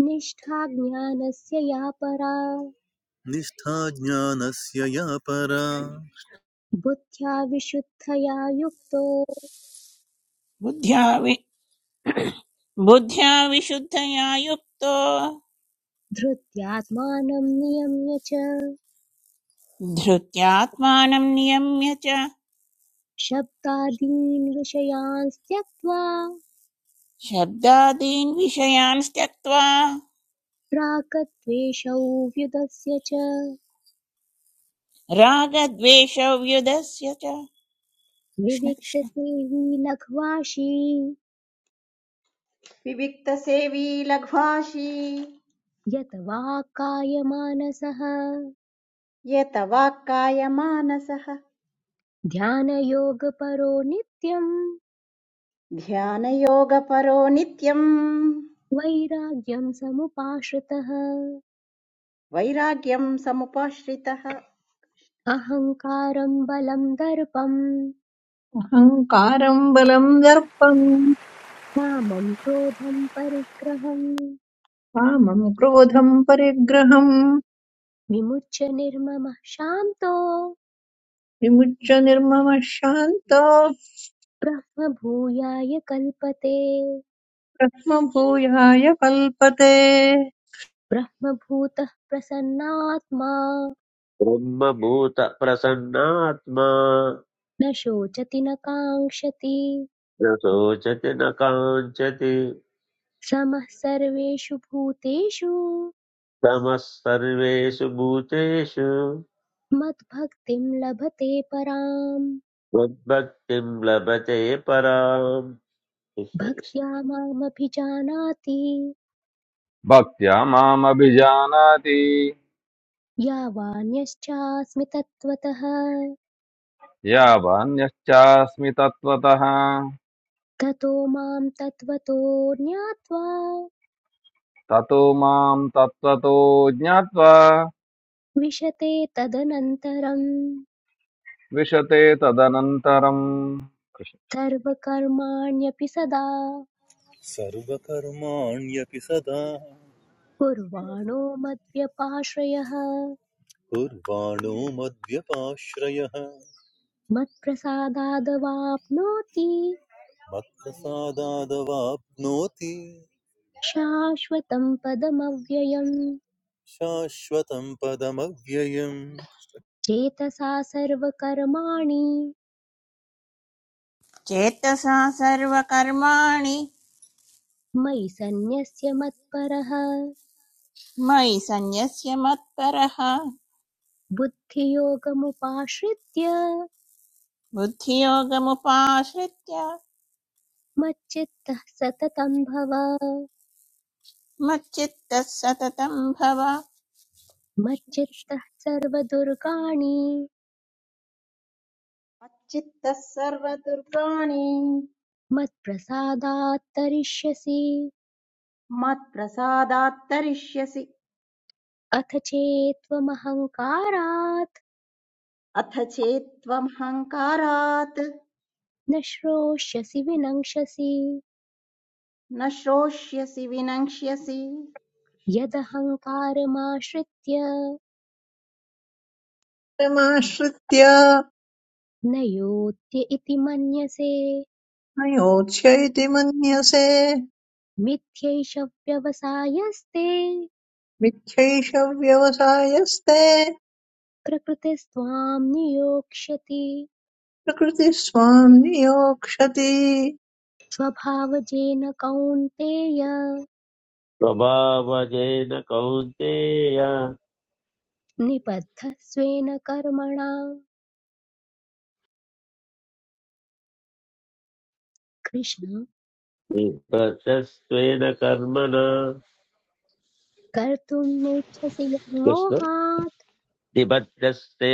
S1: निष्ठा ज्ञानस्य या परा
S2: निष्ठा ज्ञानस्य या परा
S1: बुद्ध्या विशुद्धया युक्तो
S3: बुद्ध्या वि बुद्ध्या विशुद्धया युक्तो
S1: धृत्यात्मानं नियम्य च
S3: धृत्यात्मानं नियम्य च
S1: शब्दादीन् विषयान् त्यक्त्वा
S3: शब्दादीन् विषयान् त्यक्त्वा
S1: प्राकत्वेषौ व्युदस्य च
S3: रागद्वेषव्युधस्य च कृष्ण कृष्ण
S1: विविक्तसेवी लघ्वाशी
S4: विविक्तसेवी लघ्वाशी
S1: यत वा कायमानसः
S4: यत वाक्कायमानसः
S1: ध्यानयोगपरो नित्यम्
S4: ध्यानयोगपरो नित्यम्
S1: वैराग्यं समुपाश्रितः
S4: वैराग्यं समुपाश्रितः
S1: अहङ्कारं बलं दर्पं
S5: अहङ्कारम् बलम् दर्पम्
S1: कामं क्रोधं परिग्रहं
S5: कामम् क्रोधम् परिग्रहम्
S1: विमुच्य निर्ममः शान्तो
S5: विमुच्य निर्ममः शान्तो
S1: ब्रह्मभूयाय कल्पते
S5: ब्रह्मभूयाय कल्पते
S1: ब्रह्मभूतः प्रसन्नात्मा
S7: ब्रह्मभूतप्रसन्नात्मा
S1: न शोचति न काङ्क्षति
S7: न शोचति न काञ्चति
S1: समः सर्वेषु भूतेषु
S7: समः सर्वेषु भूतेषु
S1: मद्भक्तिं लभते पराम्
S7: मद्भक्तिं लभते पराम्
S1: भक्त्या मामभिजानाति
S8: भक्त्या मामभिजानाति
S1: यावान्यश्चास्मि तत्त्वतः
S8: यावान्यश्चास्मि तत्त्वतः
S1: ततो मां तत्त्वतो ज्ञात्वा
S8: ततो मां तत्त्वतो ज्ञात्वा
S1: विशते तदनन्तरं
S8: विशते तदनन्तरम् कृष्ण
S1: सर्वकर्माण्यपि सदा
S2: सर्वकर्माण्यपि सदा
S1: कुर्वाणो मद्व्यपाश्रयः
S2: कुर्वाणो मद्व्यपाश्रयः
S1: मत्प्रसादादवाप्नोति
S2: मत्प्रसादादवाप्नोति
S1: शाश्वतं पदमव्ययम्
S2: शाश्वतं पदमव्ययम्
S1: चेतसा सर्वकर्माणि
S3: चेतसा सर्वकर्माणि
S1: मयि सन्न्यस्य मत्परः
S3: मयि सन्न्यस्य मत्परः
S1: बुद्धियोगमुपाश्रित्य
S3: बुद्धियोगमुपाश्रित्य
S1: मच्चित्तः सततं भव
S3: मच्चित्तः सततं भव
S1: मच्चित्तः सर्वदुर्गाणि
S4: मच्चित्तः सर्वदुर्गाणि
S1: मत्प्रसादात् तरिष्यसि
S4: मत्प्रसादात् तरिष्यसि
S1: अथ चेत्त्वमहङ्कारात्
S4: अथ चेत्त्वमहङ्कारात्
S1: न श्रोष्यसि विनङ्क्षसि
S4: न श्रोष्यसि विनङ्क्ष्यसि
S1: यदहङ्कारमाश्रित्य
S5: माश्रित्य
S1: न योत्य इति मन्यसे
S5: नयोत्स्यैति मन्यसे
S1: मिथ्यैष व्यवसायस्ते
S5: मिथ्यैषव्यवसायस्ते
S1: प्रकृतिस्त्वां नियोक्ष्यति
S5: प्रकृतिस्त्वाम् नियोक्ष्यति
S1: स्वभावजेन कौन्तेय
S7: स्वभावजेन कौन्तेय
S1: निबद्धस्वेन कर्मणा कृष्ण
S7: निबद्धस्त्वेन कर्मणा
S1: कर्तुं नेच्छसि
S7: कृष्ण
S1: यन्मोहात्
S7: निबद्धस्ते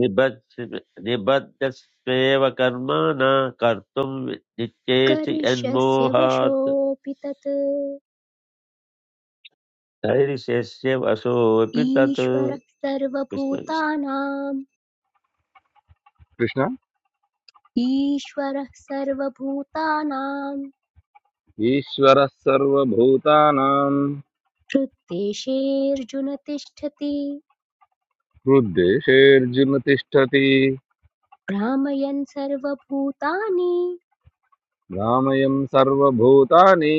S7: निबध्- निबद्धस्वेव कर्मणा कर्तुं नित्येषि
S1: करिष्यस्य
S7: यन्मोहात्
S1: वशोऽपि तत्
S7: धैर्यस्य वशोऽपि तत्
S1: ईश्वरः
S7: कृष्ण कृष्ण।
S1: सर्वभूतानाम्
S8: कृष्ण।
S1: ईश्वरः सर्वभूतानां
S8: ईश्वरः सर्वभूतानां
S1: हृद्देशेऽर्जुन तिष्ठति
S8: हृद्देशेऽर्जुन तिष्ठति
S1: भ्रामयन् सर्वभूतानि
S8: भ्रामयम् सर्वभूतानि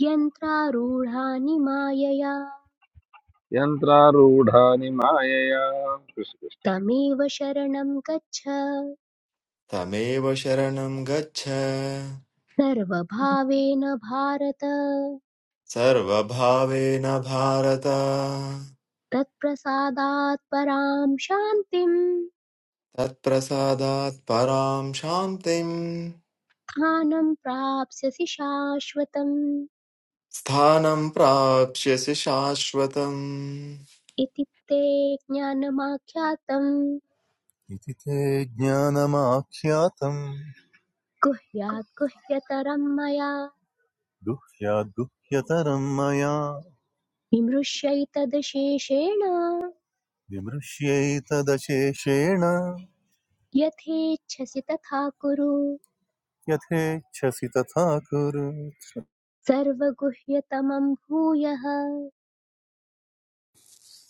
S1: यन्त्रारूढानि मायया
S8: यन्त्रारूढानि मायया कृष्ण, कृष्ण।
S1: तमेव शरणं गच्छ
S9: तमेव शरणं गच्छ
S1: सर्वभावेन भारत
S9: सर्वभावेन भारत
S1: तत्प्रसादात् परां शान्तिं
S9: तत्प्रसादात् परां शान्तिं
S1: स्थानं प्राप्स्यसि शाश्वतम्
S9: स्थानं प्राप्स्यसि शाश्वतम्
S1: इति ते ज्ञानमाख्यातम्
S2: इति ते ज्ञानमाख्यातम्
S1: गुह्यात् गुह्यतरं मया
S2: गुह्याद्गुह्यतरम् मया
S1: विमृश्यैतदशेषेण
S2: विमृश्यैतदशेषेण
S1: यथेच्छसि तथा कुरु
S2: यथेच्छसि तथा कुरु
S1: सर्वगुह्यतमं भूयः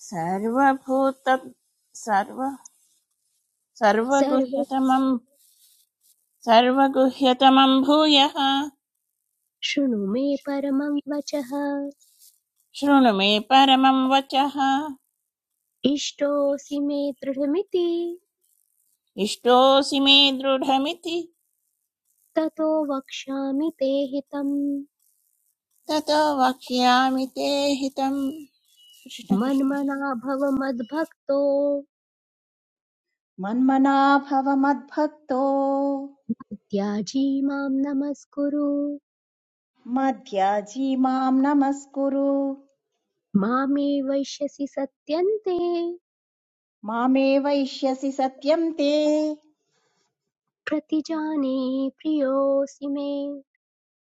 S3: सर्वभूत सर्व
S1: सर्व
S3: सर्वगुह्यतमं सर्वगुह्यतमं भूयः
S1: शृणु मे परमं वचः
S3: शृणु मे परमं वचः
S1: इष्टोऽसि मे दृढमिति
S3: इष्टोऽसि मे दृढमिति
S1: ततो वक्ष्यामि ते हितम्
S3: ततो वक्ष्यामि ते हितम् कृष्ण कृष्ण
S1: मन्मना भव मद्भक्तो
S4: मन्मनाभव मद्भक्तो
S1: त्याजी मां नमस्कुरु
S4: मध्याजी माम् नमस्कुरु
S1: मामे वैश्यसि सत्यन्ते
S4: मामे वैश्यसि सत्यम् ते
S1: प्रतिजाने प्रियोऽसि मे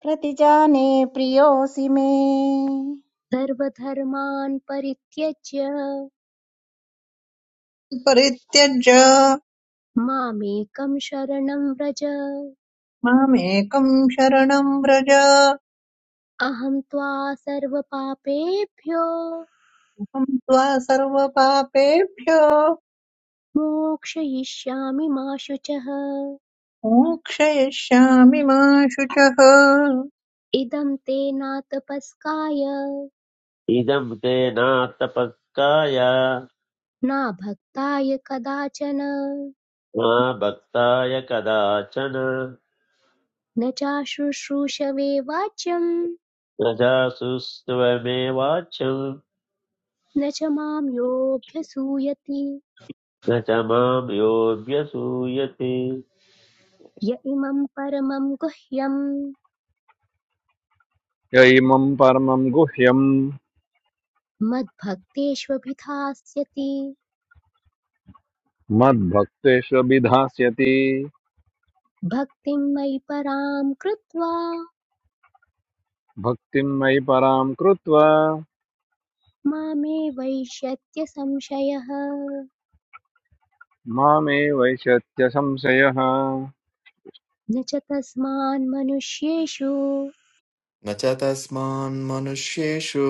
S4: प्रतिजाने प्रियोऽसि मे
S1: सर्वधर्मान् परित्यज्य
S5: परित्यज्य
S1: मामेकं शरणं व्रज
S5: मामेकम् शरणम् व्रज अहं
S1: अहं त्वा सर्वपापेभ्यो
S5: त्वा सर्वपापेभ्यो
S1: मोक्षयिष्यामि मा शुचः
S5: मोक्षयिष्यामि मा शुचः
S1: इदं ते नातपस्काय
S7: इदं ते नार्थपत्काय
S1: नाभक्ताय कदाचन
S7: न भक्ताय कदाचन
S1: न चाशुश्रूषवे वाच्यम्
S7: न जासुस्त्वमेवाच्यं
S1: न च माम् योऽभ्यसूयति
S7: न च मां योऽभ्यसूयते
S1: य इमम् परमम् गुह्यम्
S8: य इमं परमं गुह्यं
S1: मद्भक्तेष्वभिधास्यति
S8: मद्भक्तेष्वभिधास्यति
S1: भक्तिम् मयि पराम् कृत्वा
S8: भक्तिं मयि परां कृत्वा
S1: मामे वैष्यत्य संशयः
S8: मामे वैशत्य संशयः
S1: न च तस्मान्मनुष्येषु
S9: न च तस्मान्मनुष्येषु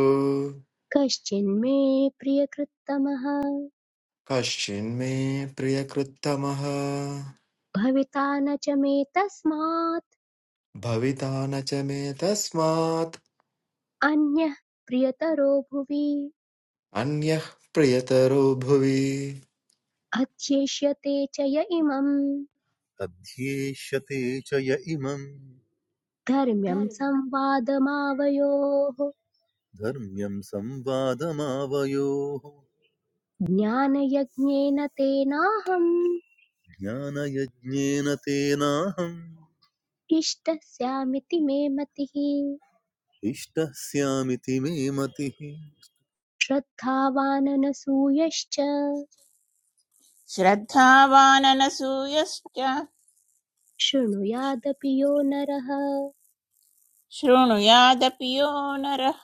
S1: कश्चिन्मे प्रियकृत्तमः
S9: कश्चिन्मे प्रियकृत्तमः
S1: भविता न च मे तस्मात्
S9: भविता न च मे तस्मात्
S1: अन्यः प्रियतरो भुवि
S9: अन्यः प्रियतरो भुवि
S1: अध्येष्यते च य इमम्
S2: अध्येष्यते च य इमम्
S1: धर्म्यम् संवादमावयोः
S2: धर्म्यम् संवादमावयोः
S1: ज्ञानयज्ञेन तेनाहम्
S2: ज्ञानयज्ञेन तेनाहम्
S1: इष्टस्यामिति मे मतिः
S2: इष्टः स्यामिति मे मतिः
S1: श्रद्धावाननसूयश्च
S3: श्रद्धावाननसूयश्च
S1: शृणुयादपि यो नरः
S3: शृणुयादपि यो नरः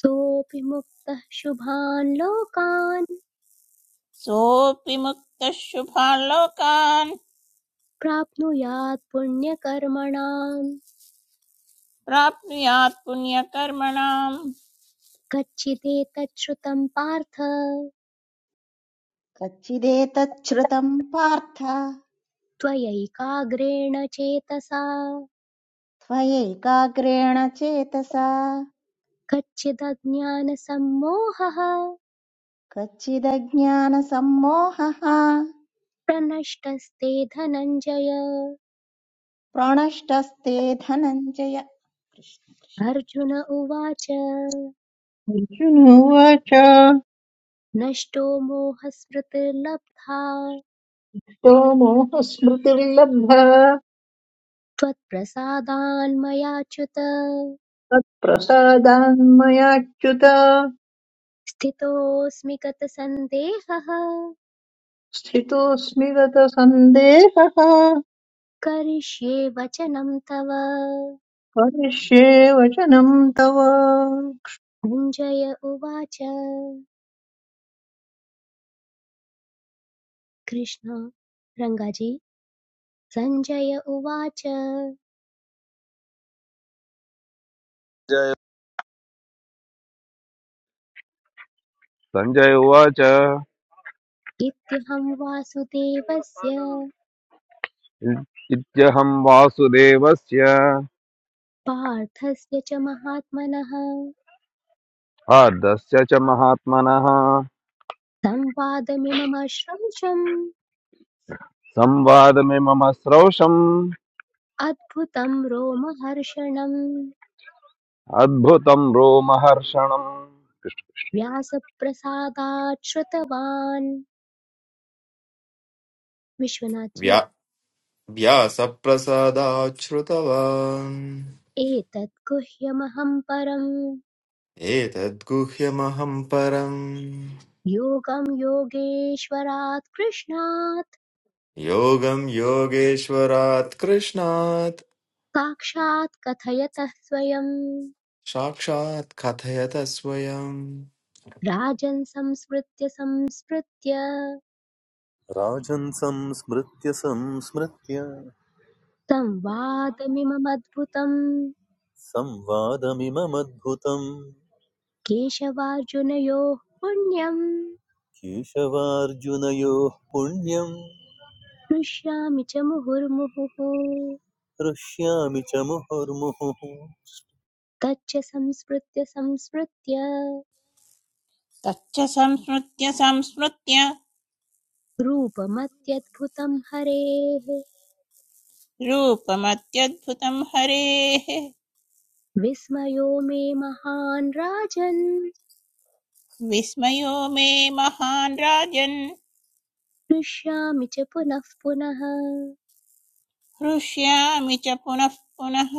S1: सोऽपि मुक्तः शुभान् लोकान्
S3: सोऽपि मुक्तः शुभान् लोकान्
S1: प्राप्नुयात् पुण्यकर्मणाम्
S3: प्राप्नुयात् पुण्यकर्मणाम्
S1: कच्चिदेतच्छ्रुतम् पार्थ
S4: कच्चिदेतच्छ्रुतम् पार्थ
S1: त्वयैकाग्रेण चेतसा
S4: त्वयैकाग्रेण चेतसा
S1: कच्चिदज्ञानसम्मोहः
S4: कच्चिदज्ञानसम्मोहः
S1: प्रनष्टस्ते धनञ्जय
S4: प्रणष्टस्ते धनञ्जय कृष्ण कृष्ण।
S1: अर्जुन उवाच
S5: अर्जुनोवाच
S1: नष्टो मोहस्मृतिर्लब्धा
S5: तो मोहस्मृतिर्लब्धा
S1: त्वत्प्रसादान्मयाच्युत
S5: तत्प्रसादान्मयाच्युत
S1: स्थितोऽस्मि गतसन्देहः
S5: स्थितोऽस्मि गतसन्देहः
S1: करिष्ये वचनं तव
S5: करिष्ये वचनं तव
S1: सञ्जय उवाच कृष्ण रङ्गाजी सञ्जय उवाच
S8: जय सञ्जय उवाच
S1: इत्यहं वासुदेवस्य
S8: इत्यहं वासुदेवस्य
S1: पार्थस्य च महात्मनः
S8: हार्दस्य च महात्मनः
S1: संवादमिममश्रंशम्
S8: संवादमिमम श्रौषम्
S1: अद्भुतं रोमहर्षणम्
S8: अद्भुतं रोमहर्षणम्
S1: व्यासप्रसादात् श्रुतवान् विश्वनाथी
S9: व्या व्यासप्रसादाच्छ्रुतवान्
S1: एतत् गुह्यमहं परम्
S9: एतद्गुह्यमहं परम्
S1: योगं योगेश्वरात् कृष्णात्
S9: योगं योगेश्वरात् कृष्णात्
S1: साक्षात् कथयतः स्वयम्
S9: साक्षात् कथयत स्वयम्
S1: राजन् संस्मृत्य संस्मृत्य
S2: राजन् संस्मृत्य संस्मृत्य
S1: संवादमिममद्भुतम्
S2: संवादमिममद्भुतम्
S1: केशवार्जुनयोः पुण्यम्
S2: केशवार्जुनयोः पुण्यम्
S1: हृष्यामि च मुहुर्मुहुः
S2: हृष्यामि च मुहुर्मुहुः
S1: तच्च संस्मृत्य संस्मृत्य
S3: तच्च संस्मृत्य संस्मृत्य
S1: रूपमत्यद्भुतं हरेः
S3: रूपमत्यद्भुतं हरेः
S1: विस्मयो मे महान् राजन्
S3: विस्मयो मे महान् राजन्
S1: हृष्यामि च पुनः पुनः
S3: हृष्यामि च पुनः पुनः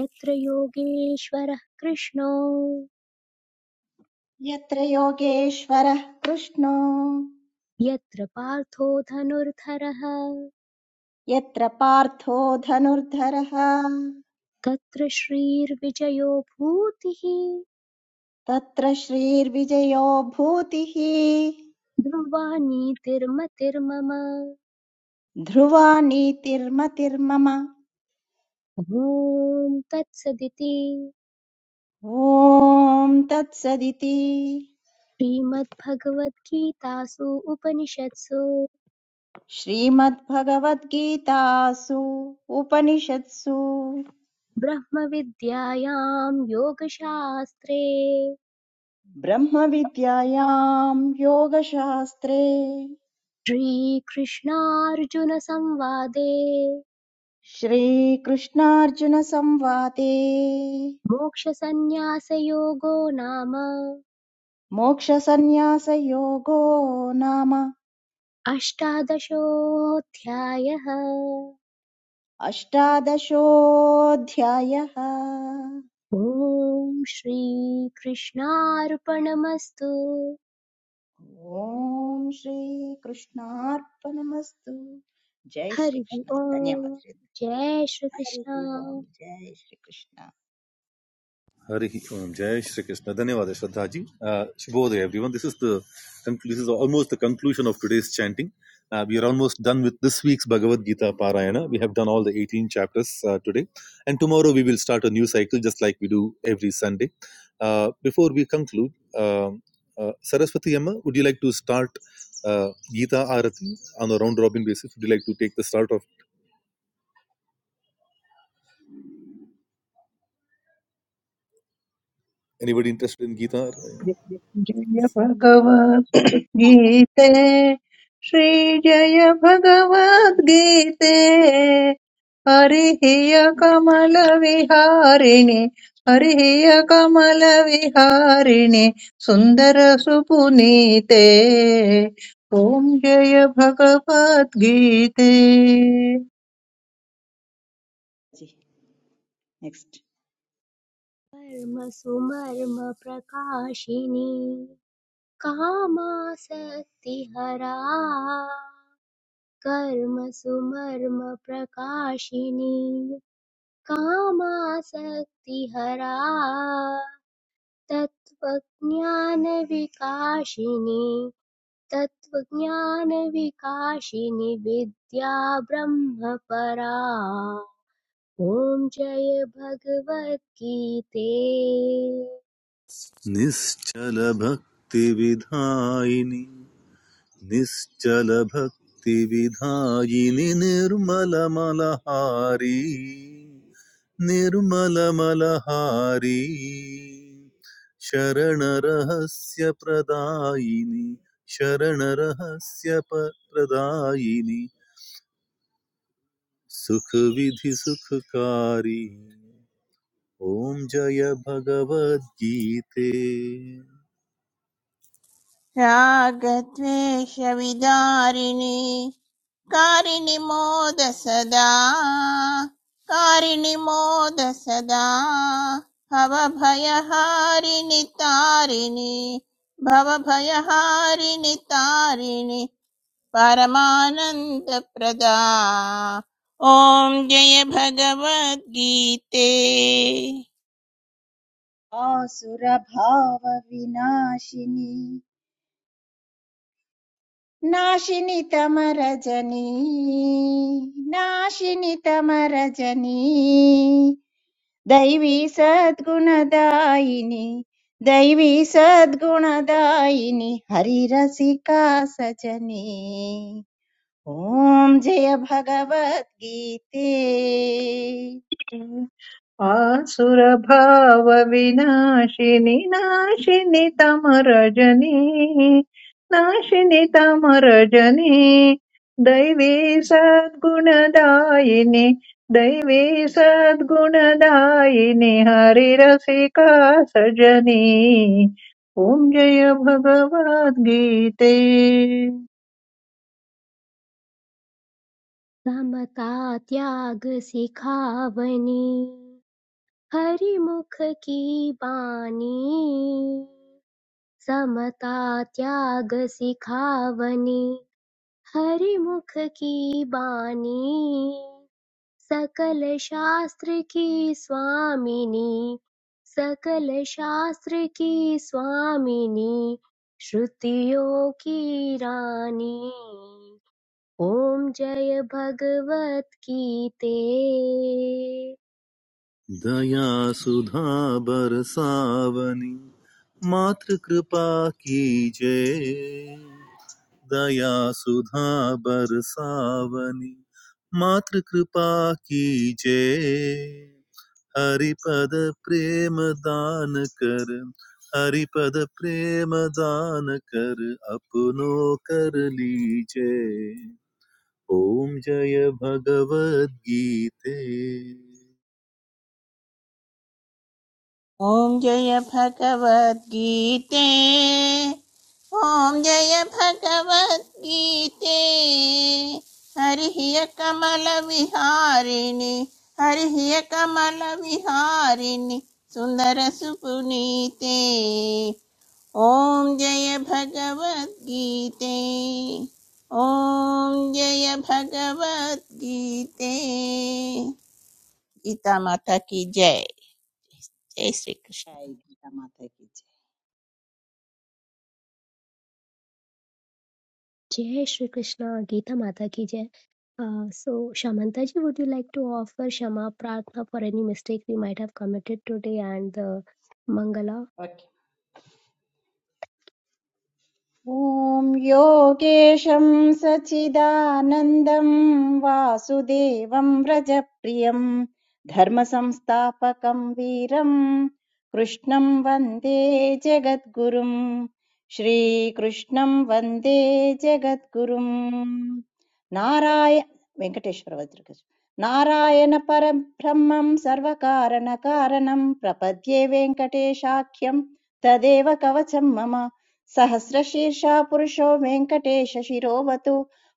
S1: यत्र योगेश्वरः कृष्णो
S4: यत्र योगेश्वरः कृष्णो
S1: यत्र पार्थो धनुर्धरः
S4: यत्र पार्थो धनुर्धरः
S1: तत्र श्रीर्विजयो भूतिः
S4: तत्र श्रीर्विजयो भूतिः
S1: ध्रुवा नीतिर्मतिर्मम
S4: ध्रुवा नीतिर्मतिर्मम
S1: ॐ तत्सदिति
S4: ॐ तत्सदिति
S1: श्रीमद्भगवद्गीतासु उपनिषत्सु
S4: श्रीमद्भगवद्गीतासु उपनिषत्सु
S1: ब्रह्मविद्यायां योगशास्त्रे
S4: ब्रह्मविद्यायां योगशास्त्रे
S1: श्रीकृष्णार्जुनसंवादे
S4: श्रीकृष्णार्जुनसंवादे
S1: मोक्षसन्न्यासयोगो नाम
S4: मोक्षसन्न्यासयोगो नाम
S1: अष्टादशोऽध्यायः
S4: अष्टादशोऽध्यायः
S1: ॐ श्रीकृष्णार्पणमस्तु
S4: ॐ श्रीकृष्णार्पणमस्तु जय
S1: हरि
S4: श्रीकृष्ण धन्यवाद
S1: ओम्
S4: श्री।
S1: जय
S4: हरि ही
S1: श्रीकृष्ण
S4: ओम जय Shri Krishna
S2: Hari Om Jai Shri Krishna. Dhanyavad, Shraddhaji. Uh, Shubhodaya, everyone. This is the conclu- this is almost the conclusion of today's chanting. Uh, we are almost done with this week's Bhagavad Gita Parayana. We have done all the 18 chapters uh, today. And tomorrow we will start a new cycle just like we do every Sunday. Uh, before we conclude, um uh, Saraswati Amma, would you like to start uh, Gita Arati on a round robin basis? Would you like to take the start of anybody interested in Gita?
S5: जय जय भगवद्गीते श्रीजय भगवद्गीते हरिः कमलविहारिणि हरिः कमलविहारिणि सुन्दरसुपुनीते ॐ जय भगवद्गीते
S4: जी नेक्स्ट
S1: कर्मसुमर्मप्रकाशिनी कामासक्तिहरा कर्मसुमर्मप्रकाशिनी कामासक्तिहरा तत्त्वज्ञानविकाशिनी तत्त्वज्ञानविकाशिनि विद्या ब्रह्मपरा ॐ जय भगवद्गीते
S2: निश्चलभक्तिविधायिनि निश्चलभक्तिविधायिनि निर्मलमलहारी निर्मलमलहारी शरणरहस्यप्रदायिनि शरणरहस्य प- प्रदायिनि सुखविधिसुखकारी ओम जय भगवद्गीते
S3: रागद्वेषविदारिणि कारिणि मोद सदा कारिणि मोद सदा भवभयहारिणि तारिणि भवभयहारिणि तारिणि परमानन्दप्रदा ॐ जय भगवद्गीते
S4: आसुरभाव विनाशिनी नाशिनी तमरजनी नाशिनी तमरजनी दैवी सद्गुणदायिनी दैवी सद्गुणदायिनी हरिरसिका सजनी ओम जय भगवत गीते
S5: आसुरभावविनाशिनि नाशिनि तमरजनी नाशिनि तमरजनी दैवी सद्गुणदायिनि दैवी सद्गुणदायिनि हरिरसिका सजनी ॐ जय भगवद्गीते
S1: समता त्याग सिखावनी हरिमुख की बानी समता त्याग सिखावनी हरिमुख की बानी सकल शास्त्र की स्वामिनी सकल शास्त्र की स्वामिनी श्रुतियों की रानी ओम जय भगवत गीते
S2: दया सुधा बरसावनी मातृ कृपा कीजे दया सुधा बरसावनी मातृ कृपा कीजे हरिपद प्रेम दान कर हरिपद प्रेम दान कर अपनो कर लीजे ओम जय भगवद गीते
S3: ॐ जय भगवद्गीते ॐ जय भगवद्गीते हरिः कमलविहारिणि हरिः कमलविहारिणि सुन्दरसुपुनीते ॐ जय भगवद्गीते ॐ जय भगवद्गीते गीता माता की जय जय श्री
S4: जय
S3: कृष्ण
S4: गीता माता की
S1: जय श्री कृष्णा गीता माता की जय so Shamanta ji would you like to offer Shama Prarthna for any mistake we might have committed today and the Mangala?
S4: जय ओके। ॐ योगेश्वर सचिदानंदम् वासुदेवम् रजप्रियम् धर्मसंस्थापकं वीरम् कृष्णं वंदे जगतगुरुम् श्रीकृष्णं वंदे जगतगुरुम् नाराय वेंकटेश्वर वज्र कहूँ नारायण परम ब्रह्मं सर्व कारण कारणं प्रपद्ये वेंकटेशाक्यं तदेव कवचम् मम। సహస్రశీర్ష పురుషో వెంకటేశ శిరోవతు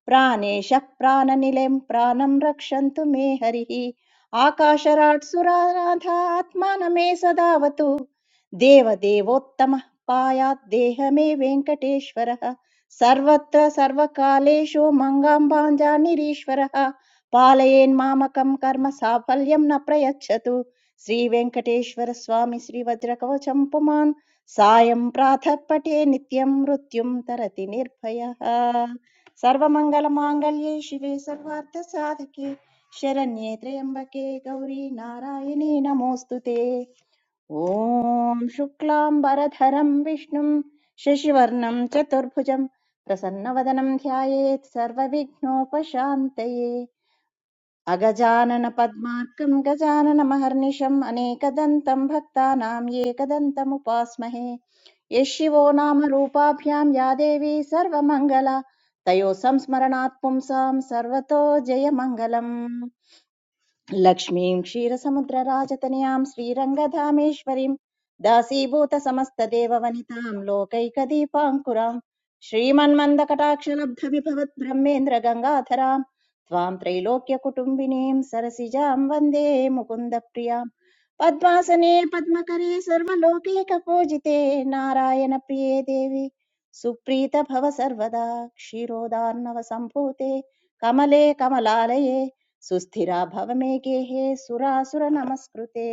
S4: ప్రాణేశ ప్రాణనిలయం ప్రాణం రక్షంతు మే హరి ఆకాశరాట్ సురారాధాత్మానమే సదావతు దేవదేవోత్తమ పాయాత్ దేహమే వెంకటేశ్వర సర్వత్ర సర్వకాలేషు మంగాంబాంజానిరీశ్వర పాలయేన్మామకం కర్మ సాఫల్యం న ప్రయచ్చతు శ్రీ వెంకటేశ్వర స్వామి శ్రీ వజ్రకవచం పుమాన్ सायं प्रातः पठे नित्यं मृत्युं तरति निर्भयः सर्वमङ्गलमाङ्गल्ये शिवे सर्वार्थसाधके शरण्ये त्र्यम्बके गौरी नारायणी नमोऽस्तु ते ॐ शुक्लाम्बरधरं विष्णुं शशिवर्णं चतुर्भुजं प्रसन्नवदनं ध्यायेत् सर्वविघ्नोपशान्तये अगजाननपद्मार्कं गजाननमहर्निशम् अनेकदन्तं भक्तानां एकदन्तमुपास्महे यः शिवो नाम रूपाभ्यां या देवी सर्वमङ्गला तयोः संस्मरणात् पुंसां सर्वतो जयमङ्गलम् लक्ष्मीं क्षीरसमुद्रराजतनयां श्रीरङ्गधामेश्वरीं दासीभूतसमस्तदेववनितां लोकैकदीपाङ्कुरां श्रीमन्मन्दकटाक्षलब्धविभवद्ब्रह्मेन्द्रगङ्गाधरां त्वां त्रैलोक्यकुटुम्बिनीं सरसिजां वन्दे मुकुन्दप्रियां पद्मासने पद्मकरे सर्वलोकैकपूजिते नारायणप्रिये देवी सुप्रीत भव सर्वदा क्षीरोदार्णवसम्भूते कमले कमलालये सुस्थिरा भव मे गेहे सुरासुरनमस्कृते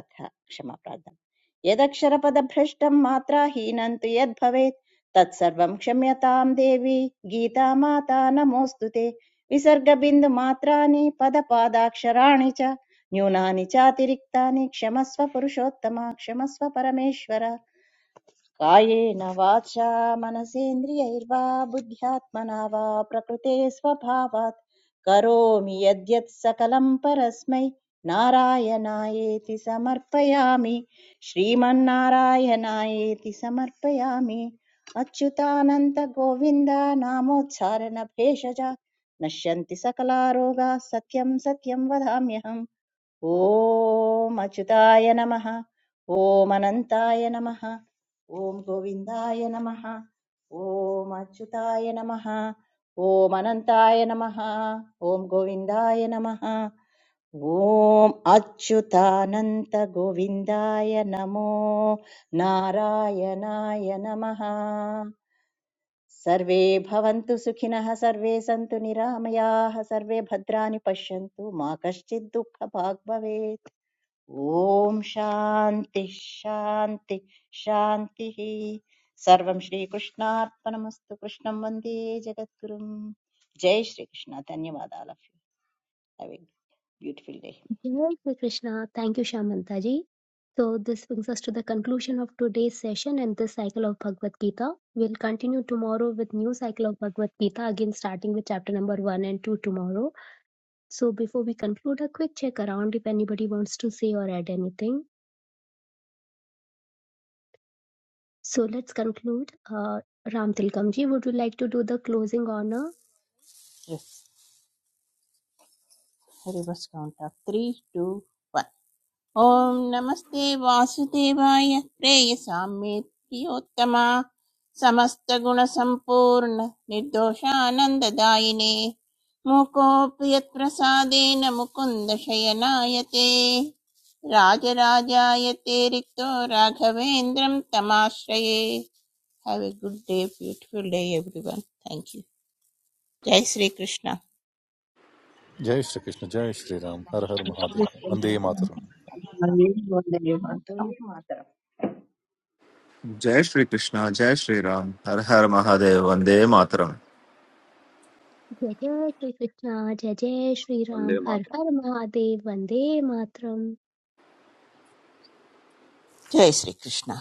S4: अथ क्षमा प्रार्थना यदक्षरपदभ्रष्टं मात्राहीनं तु यद्भवेत् तत्सर्वं क्षम्यतां देवी गीता माता नमोऽस्तु ते विसर्गबिन्दुमात्राणि पदपादाक्षराणि च न्यूनानि चातिरिक्तानि क्षमस्व पुरुषोत्तम क्षमस्व परमेश्वर कायेन वाचा मनसेन्द्रियैर्वा बुद्ध्यात्मना वा प्रकृते स्वभावात् करोमि यद्यत् सकलं परस्मै नारायणायेति समर्पयामि श्रीमन्नारायणायेति समर्पयामि अच्युतानन्दगोविन्द नामोच्चारणभेषजा नश्यन्ति सकलारोगाः सत्यं सत्यं वदाम्यहम् ఓం అచ్యుతాయ నమ ఓం అనంతాయ నమ ఓం గోవిందాయ నమ ఓం అచ్యుతాయ నమ ఓం అనంతాయ నమ ఓం గోవిందాయ నమ ఓం అచ్యుతానంత గోవిందాయ నమో నారాయణాయ నమ సర్వే భవంతు సుఖినః సర్వే సంతు నిరామయాః సర్వే భద్రాణి పశ్యంతు మా కశ్చిద్ దుఃఖ భాగ్ భవేత్ ॐ शान्तिः शान्तिः शान्तिः सर्वं श्रीकृष्णार्पणमस्तु कृष्णं वन्दे जगद्गुरुं जय श्रीकृष्ण धन्यवादाः have beautiful day
S1: Jai Shri Krishna. Thank you, Shamanta ji. So this brings us to the conclusion of today's session and this cycle of Bhagavad Gita. We'll continue tomorrow with new cycle of Bhagavad Gita, again starting with chapter number 1 and 2 tomorrow. So before we conclude, a quick check around if anybody wants to say or add anything. So let's conclude. Uh, Ram Tilkamji, would you like to do the closing honor?
S3: Hari बस count of three two one. ॐ नमस्ते वासुदेवाय प्रेयसां मे प्रियोत्तमा समस्तगुणसम्पूर्ण निर्दोषानन्ददायिने मूकोऽपि यत्प्रसादेन मुकुन्द शयनायते राजराजाय ते रिक्तो राघवेन्द्रं तमाश्रये have a good day beautiful day everyone thank you जय श्री कृष्ण
S2: जय श्री कृष्ण जय श्री राम के
S4: श्रीकृष्ण जय श्रीराम
S2: मातर
S5: हरे
S4: हरे
S5: वन्दे मातरम्
S4: मातरम्
S9: जय श्रीकृष्ण जय श्रीराम हर हर महादेव वन्दे मातरम्
S1: Jai Jai Shri Krishna, Jai Jai Shri
S8: वन्दे
S1: Ram, Har
S8: मातरम्
S1: Har Mahadev, Vande Matram.
S3: जय श्री कृष्ण